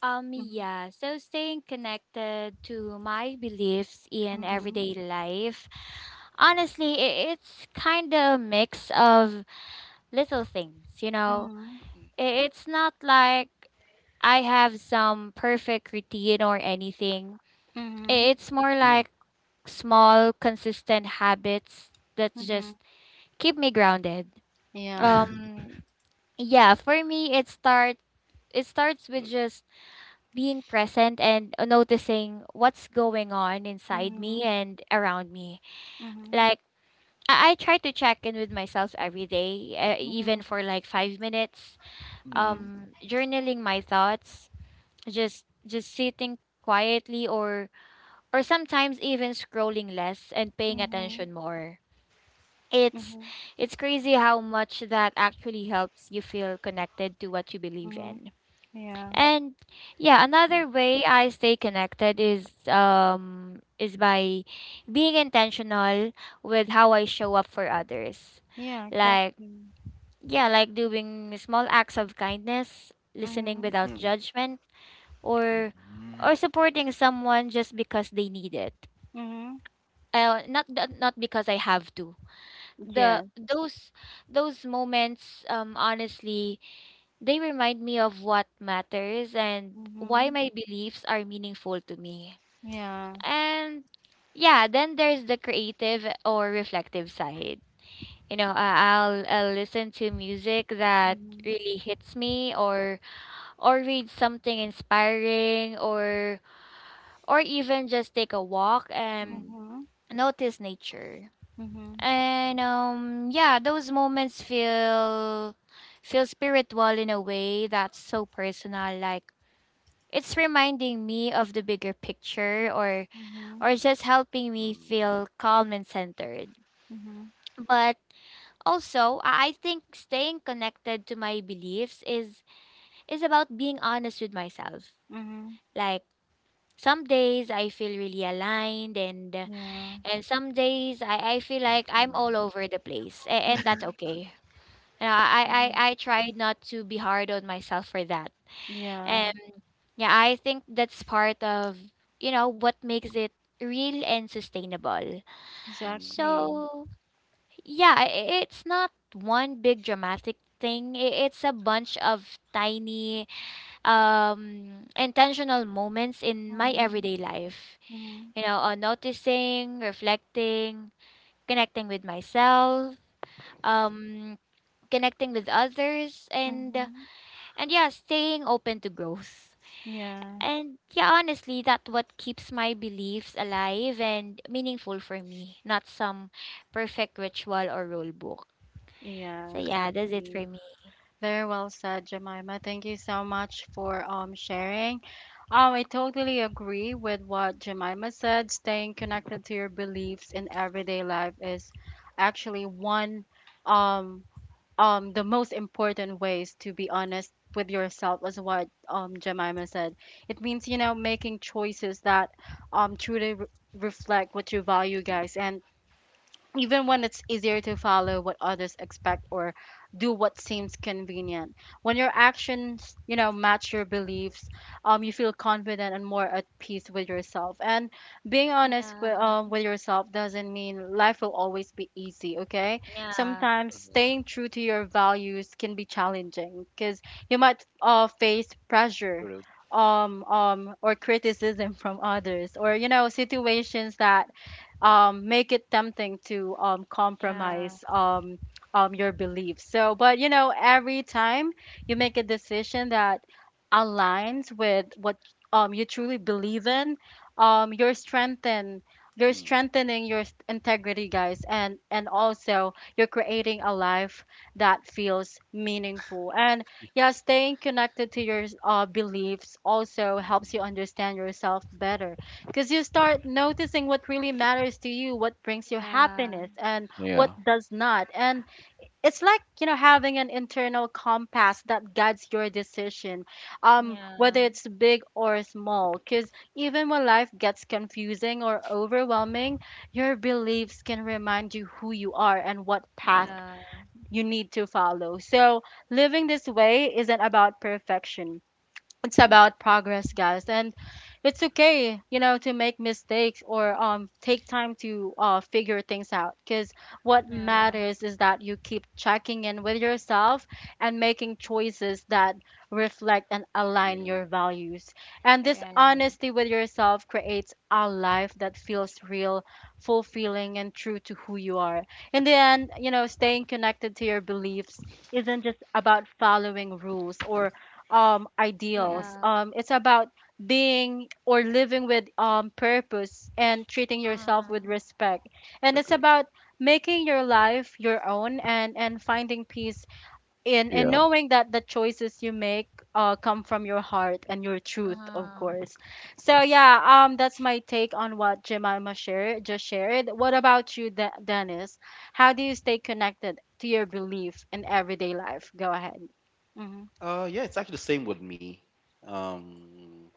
A: Hmm.
B: Yeah, so staying connected to my beliefs in everyday life, honestly, it's kind of a mix of little things, you know?
A: Hmm.
C: Mm.
B: It's not like I have some perfect routine or anything.
A: Hmm.
B: It's more
C: Mhm.
B: like small, consistent habits that
A: Hmm.
B: just keep me grounded.
A: Yeah.
B: Um, yeah, for me, it starts with just being present and noticing what's going on inside me
A: Mhm.
B: and around me.
A: Mhm.
B: Like I try to check in with myself every day, even
A: Mhm.
B: for like 5 minutes.
C: Mm.
A: Mhm.
B: Journaling my thoughts, just sitting quietly, or sometimes even scrolling less and paying
A: Mhm.
B: attention more. It's
A: Mhm.
B: it's crazy how much that actually helps you feel connected to what you believe
A: Mhm.
B: in.
A: Yeah.
B: And yeah,
C: Mm.
B: another way I stay connected is by being intentional with how I show up for others.
A: Yeah.
B: Like
A: Exactly.
B: yeah, like doing small acts of kindness, listening
A: Mhm.
B: without
C: Mm.
B: judgment, or
C: Mm-hmm.
B: supporting someone just because they need it.
A: Mhm.
B: Not not because I have to. The
A: Yes.
B: those moments, honestly, they remind me of what matters and why
A: Mhm.
B: my beliefs are meaningful to me.
A: Yeah.
B: And yeah, then there's the creative or reflective side. You know, I'll listen to music that
A: Mhm.
B: really hits me, or read something inspiring, or even just take a walk
C: Mm.
B: and
C: Mm.
A: Mhm.
B: notice nature.
A: Mhm.
B: And yeah, those moments feel spiritual in a way that's so personal, like it's reminding me of the bigger picture, or
A: Mhm.
B: just helping me feel calm and centered.
A: Mhm.
B: But also, I think staying connected to my beliefs is about being honest with myself.
A: Mhm.
B: Like some days I feel really aligned,
A: Yeah.
B: and some days I feel like I'm all over the place, and that's
A: Mhm.
B: okay. And I, I, I
A: Mhm.
B: I try not to be hard on myself for that.
A: Yeah.
B: Um, yeah, I think that's part of, you know, what makes it real and sustainable.
C: Mm. Mm.
A: Exactly.
B: So, yeah, it's not one big dramatic thing. It's a bunch of tiny, intentional moments in my
A: Mhm.
B: everyday life.
A: Mhm.
B: You know, on noticing, reflecting, connecting with myself, um, connecting with others, and
A: Mhm.
B: yeah, staying open to growth.
A: Yeah.
B: And yeah, honestly, that what keeps my beliefs alive and meaningful for me, not some perfect ritual or rule book.
A: Yeah.
B: So yeah, that's it
A: Exactly.
B: for me.
A: Very well said, Jemima. Thank you so much for sharing. Oh, I totally agree with what Jemima said. Staying
C: Mm.
A: connected to your beliefs in everyday life is actually one um the most important ways to be honest with yourself, as what Jemima said. It means, you know, making choices that um truly re- reflect what you value,
C: Mm.
A: guys, and even when it's easier to follow what others expect or do what seems convenient. When your actions, you know, match your beliefs, you feel confident and more at peace with yourself. And being honest
B: Yeah,
A: with yourself doesn't mean life will always be easy, okay.
B: yeah,
A: Sometimes
C: Uh,
A: staying true to your values can be challenging because you might face pressure
C: True.
A: or criticism [laughs] from others, or, you know, situations that make it tempting to
B: yeah,
A: compromise your beliefs. So, but, you know, every time you make a decision that aligns with what, you truly believe in, you're strengthened. You're
C: Mm.
A: strengthening your integrity, guys, and also you're creating a life that feels meaningful. And yeah, staying connected to your beliefs also helps
C: Mm.
A: you understand yourself better, because you start noticing what really matters to you, what brings you
B: yeah,
A: happiness, and what
C: Yeah.
A: does not. And it's like, you know, having an internal compass that guides your decision,
B: yeah,
A: whether it's big or small. Because even when life gets confusing or overwhelming, your beliefs can remind you who you are and what path
C: Yeah.
B: yeah,
A: you need to follow. So living this way isn't about perfection, it's
C: Mm.
A: about progress, guys. And it's okay, you know, to make mistakes or take time to figure things out, because what
C: Yeah.
B: yeah.
A: matters is that you keep checking in with yourself and making choices that reflect and align
C: Yeah.
A: your values. And this
B: Right.
A: honesty with yourself creates a life that feels real, fulfilling, and true to who you are. In the end, you know, staying connected to your beliefs isn't just about following rules or
C: Mm.
A: ideals.
B: Yeah.
A: It's about being, or living with, purpose and treating yourself
B: Uh-huh.
A: with respect. And it's
C: Agree.
A: about making your life your own and finding peace in
C: Yeah.
A: knowing that the choices you make come from your heart and your truth, of
B: Uh-huh.
A: course. So yeah, that's my take on what Jemima shared just shared. What about you, Dennis? How do you stay connected to your belief in everyday life? Go ahead. Mm-hmm.
C: Yeah, it's actually the same with me. Um,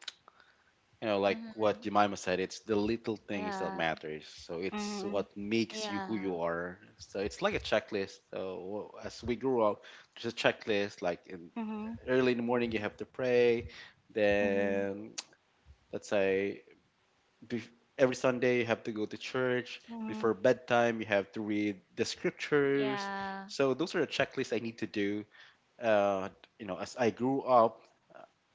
C: like what
B: Mm-hmm.
C: Jemima said, it's the little things that
B: Yeah.
C: matters, so it's what
A: Mm-hmm.
C: makes you who
B: Yeah.
C: you are. So it's like a checklist, so as we grew up, there's a checklist, like in
A: Mhm,
C: early in the morning you have to pray,
A: mhm,
C: then [tsk] let's say bef- every Sunday you have to go to church,
A: mhm,
C: before bedtime you have to read the scriptures.
B: Yeah.
C: So those are the checklists I need to do, uh, as I grew up,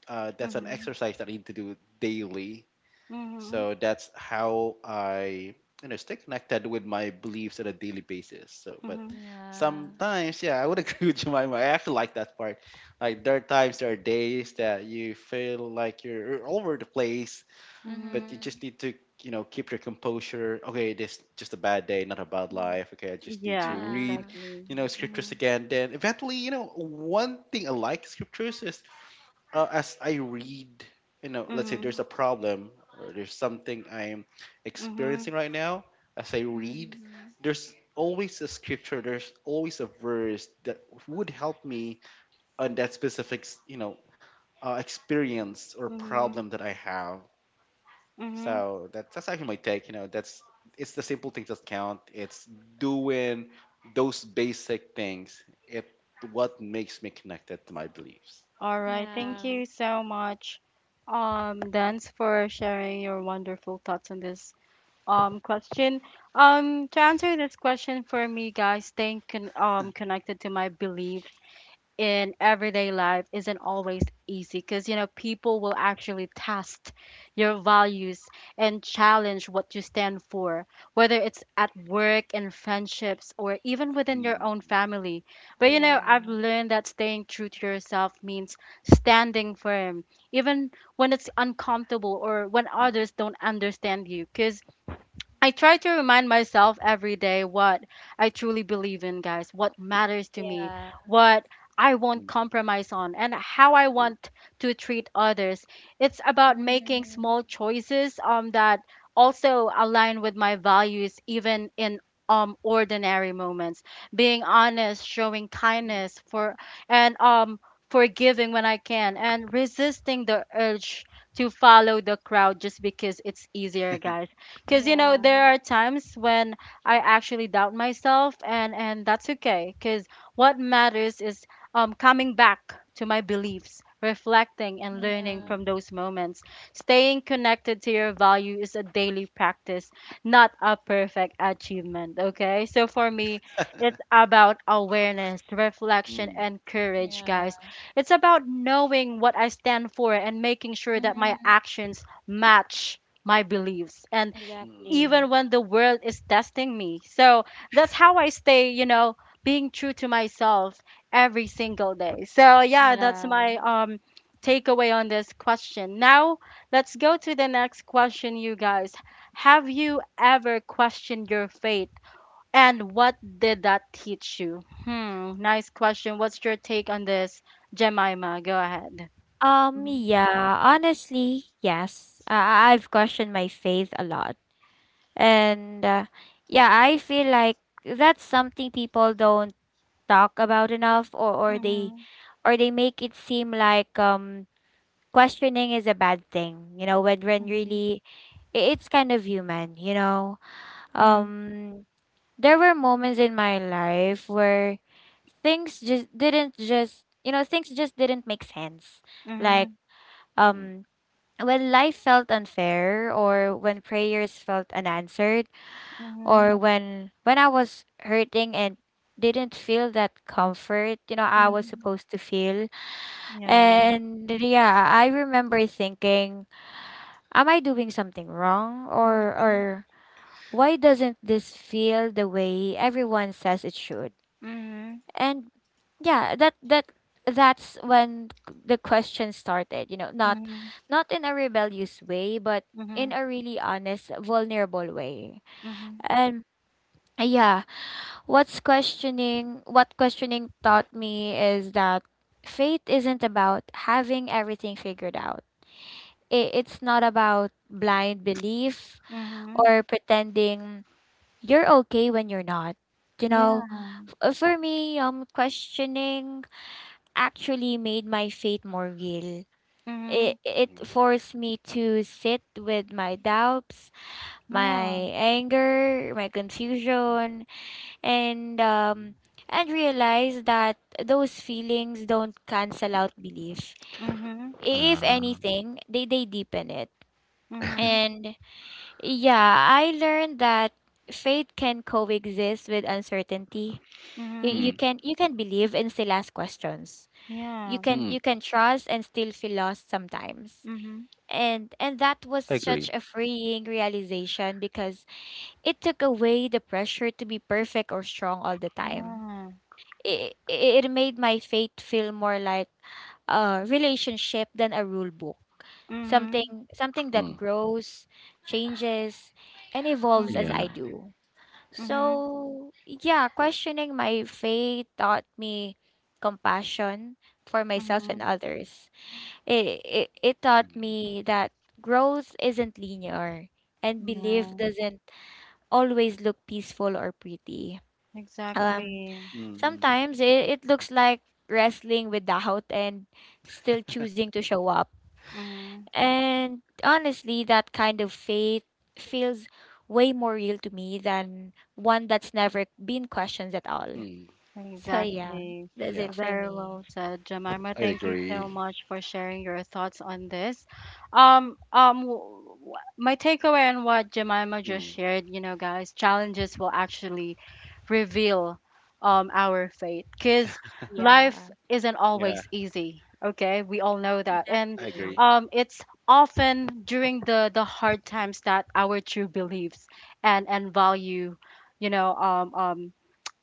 C: that's an
A: mhm,
C: exercise that I need to do daily.
A: mhm,
C: So that's how I stay connected with my beliefs on a daily basis. So, but
A: mhm,
B: Yeah.
C: sometimes, yeah, I would agree [laughs] with Jemima. I actually like that part. Like there are times, there are days that you feel like you're all over the place, but you
A: mhm,
B: Mm-hmm.
C: just need to keep your composure. Okay, this just a bad day, not a bad
A: mhm.
C: life. Okay, I just need
A: Yeah,
C: to read,
B: Yeah.
A: exactly.
C: you know, scriptures
A: Mhm,
C: again. Then eventually, one thing I like scriptures is as I read, let's say there's
A: mhm,
C: a problem or there's something I'm
A: mhm,
C: experiencing right now, as I read,
B: Mm-hmm.
C: there's always a scripture, there's always a verse that would help me on that specific experience or
A: mhm,
C: problem that I have.
A: mhm.
C: So that's actually my take. You know, that's it's the simple things that count. It's doing those basic things. It what makes me connected to my beliefs.
A: All right. Thank
B: Yeah.
A: you so much, Dance, for sharing your wonderful thoughts on this question. To answer this question for me, guys, staying connected to my belief in everyday life isn't always easy, because, you know, people will actually test your values and challenge what you stand for, whether it's at work, in friendships, or even within
C: Mm,
A: your own family. But, you know, I've
B: Yeah.
A: learned that staying true to yourself means standing firm even when it's uncomfortable or when others
C: mm,
A: don't understand you. Because I try to remind myself every day what I truly believe in, guys, what matters to me,
B: Yeah.
A: what I won't
C: mm.
A: compromise on, and how I
C: Mm,
A: want to treat others. It's about making
B: Mhm.
A: small choices, that also align with my values, even in ordinary moments. Being honest, showing
C: mm,
A: kindness, and um, forgiving when I can, and resisting the urge to follow the crowd just because it's easier, guys. Because, you know,
B: Yeah.
A: there are times when I actually doubt myself, and that's okay. Because what matters is coming back to my beliefs, reflecting and learning
B: Yeah.
A: from
C: mm,
A: those moments. Staying connected to your value is a daily practice, not a perfect achievement. Okay, so for me, it's about awareness, reflection,
C: mm,
A: and courage, guys.
B: Yeah.
A: It's about knowing what I stand for and making sure that my
B: Mhm.
A: actions match my beliefs. And
C: mm,
B: Exactly.
A: even when the world is testing me. So that's how I stay, you know, being true to myself every single day. So yeah, that's
B: Yeah.
A: my takeaway on this question. Now, let's go to the next question, you guys. Have you ever questioned your faith, and what did that teach you? Hmm, nice question. What's your take on this, Jemima? Go ahead. Mhm,
B: Yeah, honestly, yes. I've questioned my faith a lot. And yeah,
C: mm,
B: I feel like that's something people don't talk about enough, or
A: mhm,
B: or they make it seem like questioning is a bad thing, you know, when
A: mhm,
B: really it's kind of human, you know.
A: mhm,
B: Um there were moments in my life where things just didn't make sense, like
A: mhm,
C: mm,
B: um when life felt unfair, or when prayers felt unanswered, or
A: mhm,
B: when I was hurting and didn't feel that comfort, you know, I was
A: mhm.
B: supposed to feel.
A: Yeah.
B: And yeah, I remember thinking, am I doing something wrong,
A: Mhm,
B: or why doesn't this feel the way everyone says it should?
A: mhm,
B: And yeah, that's when the question started, you know, not
A: mhm,
B: in a rebellious way, but in
A: mhm,
B: a really honest, vulnerable way.
A: mhm,
B: And yeah,
C: mm,
B: what questioning taught me is that faith isn't about having everything figured out. It's not about
C: mm,
B: blind belief
A: mhm,
B: or pretending you're okay when you're not, you know.
A: yeah,
B: For me, questioning actually made my faith more real.
A: mhm,
B: It
C: mm,
B: forced me to sit with my doubts,
A: yeah,
B: my anger, my
C: mm,
B: confusion, and
C: mm.
B: realize that those feelings don't cancel out belief.
A: mhm,
B: If
C: Uh,
B: anything, they deepen it.
A: mhm,
B: And yeah, I learned that faith can coexist with uncertainty.
A: mhm,
C: mm,
B: You can believe and still ask questions.
A: yeah,
C: mm,
B: You can trust and still feel lost sometimes,
A: mhm,
B: and that was
C: I
B: such
C: agree.
B: a freeing realization because it took away the pressure to be perfect or strong all the time.
A: yeah,
B: It made my faith feel more like a relationship than a rule book,
A: mhm,
B: something
C: Mm,
B: that grows, changes, and evolves as
C: yeah.
B: I
A: mhm,
B: do.
A: mhm,
B: So yeah, questioning my faith taught me compassion for myself and
A: mhm,
B: others. It taught
C: Mm,
B: me that growth isn't linear and belief
A: yeah,
B: doesn't always look peaceful or pretty. Um,
A: exactly,
C: mm, mm,
B: Sometimes it looks like wrestling with doubt and still choosing to show up.
A: mhm.
B: And honestly, that kind of faith feels way more real to me than one that's never been questioned at all.
C: mm,
B: So, yeah,
A: Exactly.
B: that's
C: yeah.
B: it for
A: Very
B: me.
A: well said, Jemima.
C: I
A: Thank you so
C: agree.
A: much for sharing your thoughts on this. Um, um, w- w- my takeaway on what Jemima just
C: Mm,
A: shared, you know, guys, challenges will actually reveal our faith. Because life
B: Yeah,
A: isn't
C: yeah.
A: always easy, okay. We all know that. And
C: I
B: exactly.
C: agree.
A: it's often during the hard times that our true beliefs and value, you know, um, um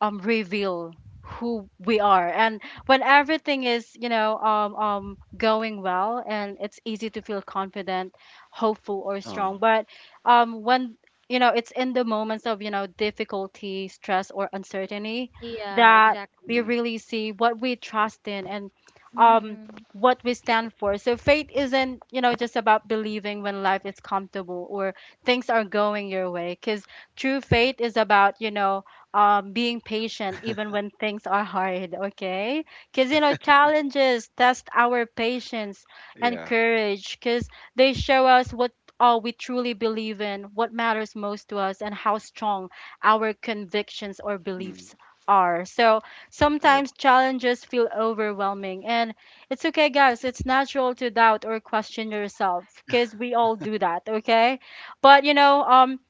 A: um reveal who we are. And when everything is, you know, going well, and it's easy to feel confident, hopeful, or
C: Uh,
A: strong. But when, you know, it's in the moments of, you know, difficulty, stress, or uncertainty
B: Yeah,
A: that we
B: exactly.
C: mm,
A: really see what we trust in and um
B: Mm-hmm.
A: what we stand for. So faith isn't, you know, just about believing when life is comfortable or things are going your way. Because true faith is about, you know, being patient even when things are hard, okay? Because, you know, challenges test our patience and
C: yeah.
A: courage, because they show us what all we truly believe in, what matters most to us, and how strong our convictions or
C: Mm,
A: beliefs are. So sometimes
C: correct.
A: challenges feel overwhelming, and it's okay, guys. It's natural to doubt or question yourself, because we all do that, okay? But, you know,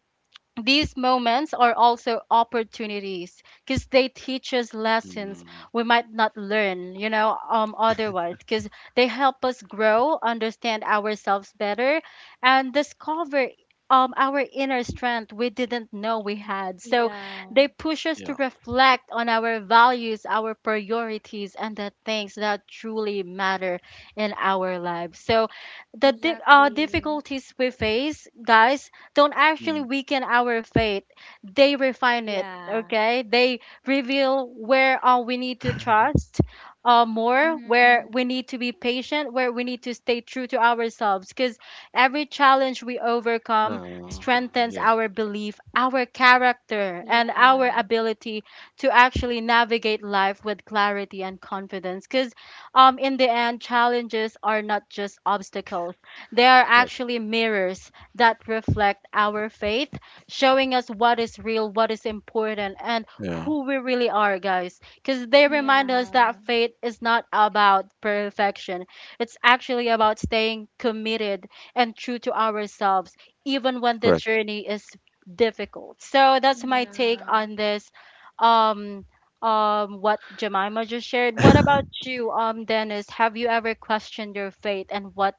A: these moments are also opportunities, because they teach us lessons
C: Mm,
A: we might not learn, you know, otherwise. Because they help us grow, understand ourselves better, and discover our inner strength we didn't know we had. So they
B: Yeah,
A: push us to
C: yeah.
A: reflect on our values, our priorities, and the things that truly matter in our lives. So the
B: exactly.
A: difficulties we face, guys, don't actually
C: Mm.
A: weaken our faith. They refine it,
B: Yeah.
A: okay? They reveal where we need to
C: [laughs]
A: trust more, where
B: Mm-hmm.
A: we need to be patient, where we need to stay true to ourselves. Because every challenge we overcome
C: uh,
A: strengthens
C: yeah.
A: our belief, our character, and our
B: Yeah.
A: ability to actually navigate life with clarity and confidence. Because In the end, challenges are not just obstacles, they are
C: Correct.
A: actually mirrors that reflect our faith, showing us what is real, what is important, and
C: Yeah.
A: who we really are, guys. Because they remind us
B: Yeah.
A: that faith is not about perfection, it's actually about staying committed and true to ourselves, even when the
C: Correct.
A: journey is difficult. So that's my take
B: Yeah.
A: on this. Um, what Jemima just shared. What about you, Dennis? Have you ever questioned your faith, and what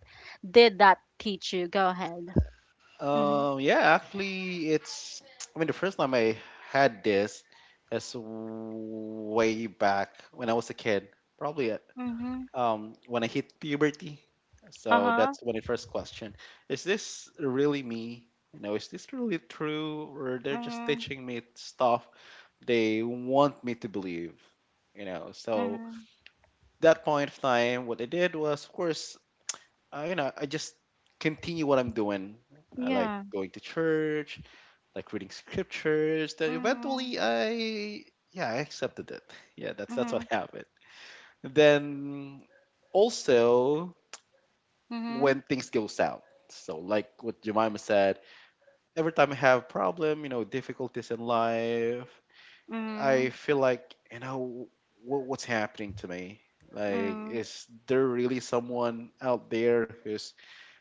A: did that teach you? Go ahead. Mhm,
C: Yeah, actually, it's. I mean, the first time I had this is way back when I was a kid, probably
A: mhm,
C: when I hit puberty. So
A: uh-huh,
C: that's when I first question: Is this really me? You know, is this really true, or they're just
A: mhm,
C: teaching me stuff they want me to believe? You know, so
A: mhm,
C: that point of time, what I did was, of course, I just continue what I'm doing. I like
A: yeah,
C: going to church, like reading scriptures, that
A: mhm,
C: eventually I yeah, I accepted it. [laughs] Yeah, that's what
A: mhm,
C: happened. Then also when
A: mhm,
C: things go south. So like what Jemima said, every time I have problem, difficulties in life, I
A: mhm,
C: feel like, what's happening to me? Like,
A: mhm,
C: is there really someone out there who's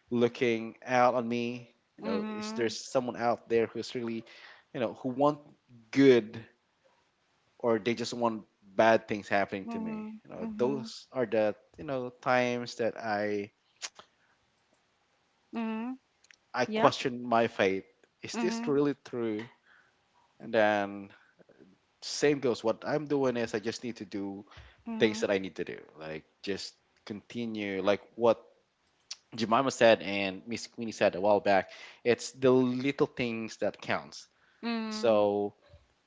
C: looking out on me? You know, is there
A: mhm,
C: someone out there who's really, who want good or they just want bad things happening to me.
A: mhm,
C: You know,
A: mhm,
C: those are the times that I
A: mhm,
C: I
A: yep,
C: question my faith. Is this
A: mhm,
C: really true? And then same goes. What I'm doing is I just need to do things
A: mhm,
C: that I need to do. Like just continue. Like what Jemima said and Miss Queenie said a while back. It's the little things that counts.
A: mhm,
C: So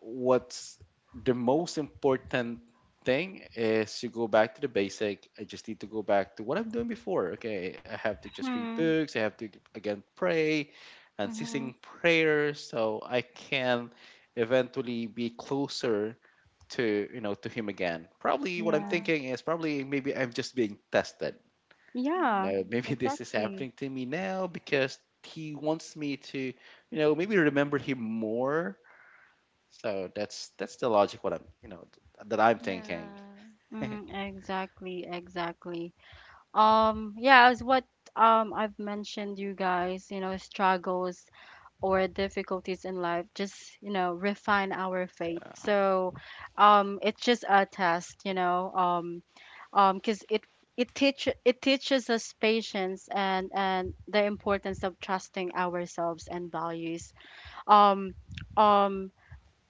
C: what's the most important thing is to go back to the basic. I just need to go back to what I'm doing before. Okay, I have to just read
A: hmm,
C: books. I have to again pray and
A: mhm,
C: ceasing prayer, so I can eventually be closer to you know to him again. Probably what I'm
A: yeah,
B: Yeah.
C: thinking is probably maybe I'm just being tested.
A: yeah,
C: Now
B: Mm-hmm.
C: maybe [laughs] this is happening
A: exactly,
C: to me now because he wants me to maybe remember him more, so that's the logic what I'm that I'm thinking.
B: Yeah.
C: [laughs]
A: mhm, exactly, exactly. Yeah, as what I've mentioned you guys, you know, struggles or difficulties in life, just, you know, refine our faith. So, it's just a test, you know, because it teaches us patience and the importance of trusting ourselves and values. Um um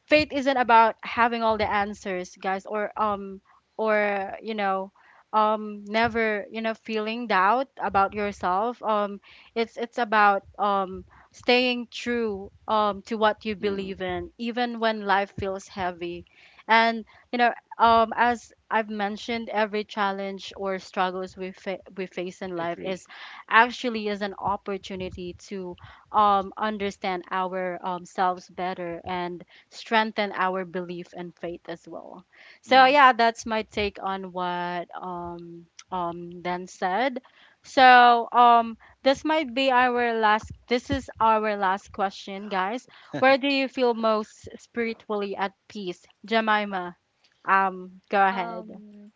A: Faith isn't about having all the answers, guys, or or, you know, never, you know, feeling doubt about yourself. It's about staying true, to what you
C: Mm,
A: believe in, even when life feels heavy. And, you know, as I've mentioned, every challenge or struggles we face in life is
C: agree.
A: actually is an opportunity to understand our selves better and strengthen our belief and faith as well. So
C: Mm,
A: yeah, that's my take on what Dan said. So this is our last question, guys. Where do you feel most spiritually at peace? Jemima, go ahead.
B: Um,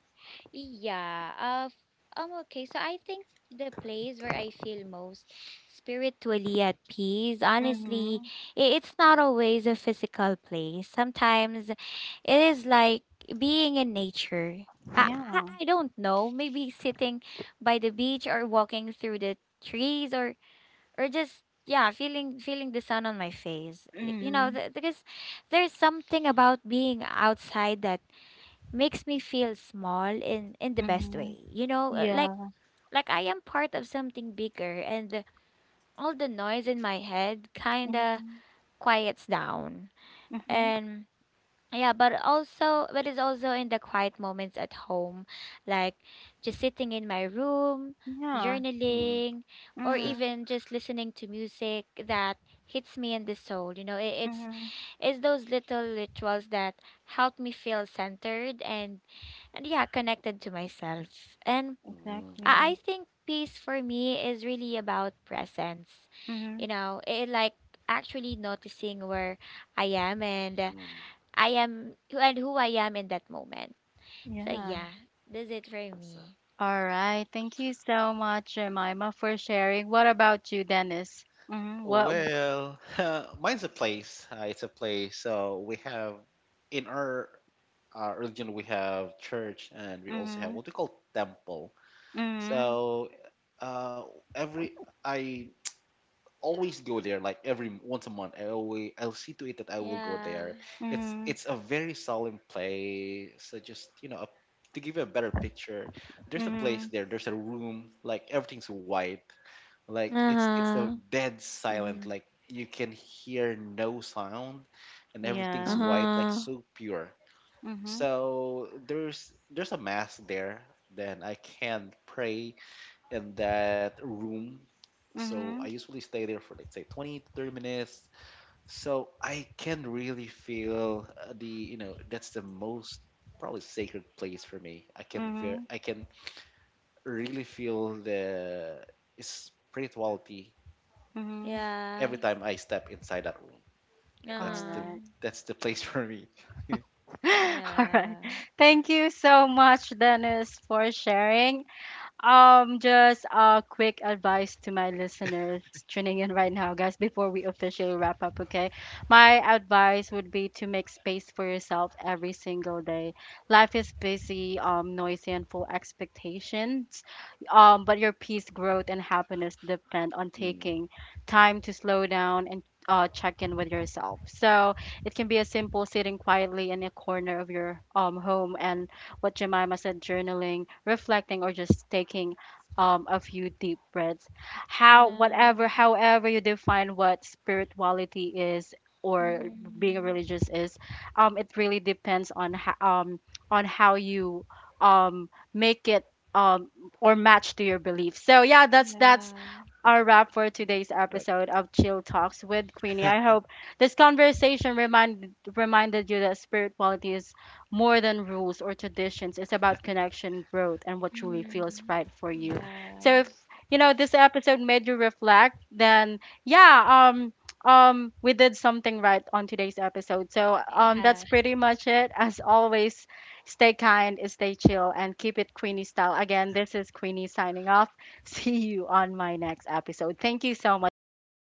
B: Yeah. Okay. So I think the place where I feel most spiritually at peace, honestly,
A: Mhm.
B: it's not always a physical place. Sometimes it is like being in nature.
A: Yeah.
B: I don't know. Maybe sitting by the beach, or walking through the trees, or just yeah, feeling the sun on my face. You know,
A: Mhm.
B: because there's something about being outside that makes me feel small in the
C: mm,
B: best
A: Mhm.
B: way, you know, like
A: Yeah.
B: I am part of something bigger, and all the noise in my head kind of
A: Mhm.
B: quiets down.
A: Mhm.
B: And yeah, but also, but it's also in the quiet moments at home, like just sitting in my room,
A: Yeah.
C: mm,
B: journaling, or
A: Mhm.
B: even just listening to music that hits me in the soul, you know.
A: Mhm.
B: It's those little rituals that help me feel centered and yeah, connected to myself. And
C: mm,
B: I
A: Exactly.
B: think peace for me is really about presence. You
A: Mhm.
B: know, it like actually noticing where I am, and
C: mm.
B: I am and who I am in that moment. So
A: Yeah.
B: yeah, that's it for
C: That's a-
B: me.
A: All right. Thank you so much, Jemima, for sharing. What about you, Dennis? Mm-hmm. What?
C: Well, [laughs] mine's a place. It's a place. So we have in our religion we have church and we also have
A: Mm-hmm.
C: what we call temple.
A: Mm-hmm.
C: So uh, every I always go there like every once a month. I'll see to it that I will go
B: Yeah.
C: there. It's
A: Mm-hmm.
C: it's a very solemn play. So just, to give you a better picture, there's a place
A: Mm-hmm.
C: there. There's a room like everything's white. Like it's a
B: Uh-huh.
C: dead silent.
A: Mm-hmm.
C: Like you can hear no sound, and everything's
A: Yeah.
C: white. Like
B: Uh-huh.
C: so pure.
A: Mm-hmm.
C: So there's a mass there. Then I can pray in that room. So I
A: Mm-hmm.
C: usually stay there for like say 20 to 30 minutes. So I can really feel the you know that's the most probably sacred place for me. I can ver-
A: Mm-hmm.
C: I can really feel the spirituality
A: Mm-hmm.
B: Yeah.
C: every time I step inside that room. Yeah, That's
A: All
C: the
B: Uh-huh.
A: right.
C: that's the place [laughs] for me. [laughs]
A: [gasps] [laughs] All right.
B: Yeah.
A: Thank you so much, Dennis, for sharing. Just a quick advice to my listeners tuning in right now, guys, before we officially wrap up, okay? My advice would be to make space for yourself every single day. Life is busy, noisy, and full expectations. But your peace, growth, and happiness depend on
C: Mm,
A: taking time to slow down and check in with yourself. So it can be as simple sitting quietly in a corner of your home, and what Jemima said, journaling, reflecting, or just taking a few deep breaths. How,
B: Yeah.
A: whatever, however you define what spirituality is or being
B: Mm-hmm.
A: religious is, it really depends on on how you um, make it, um, or match to your beliefs. So yeah, that's
B: Yeah.
A: our wrap for
C: mm,
A: today's
C: correct.
A: episode of Chill Talks with Queenie. I hope this conversation reminded you that spirituality is more than rules or traditions. It's about connection, growth, and what truly feels
B: Mm.
A: right for you. So if,
B: Yeah.
A: you know, this episode made you reflect, then yeah, we did something right on today's episode. So
B: It
C: [laughs]
A: that's
B: has.
A: pretty much it. As always, stay kind, stay chill, and keep it Queenie style. Again, this is Queenie signing off. [laughs] See you on my next episode. Thank you so much, guys.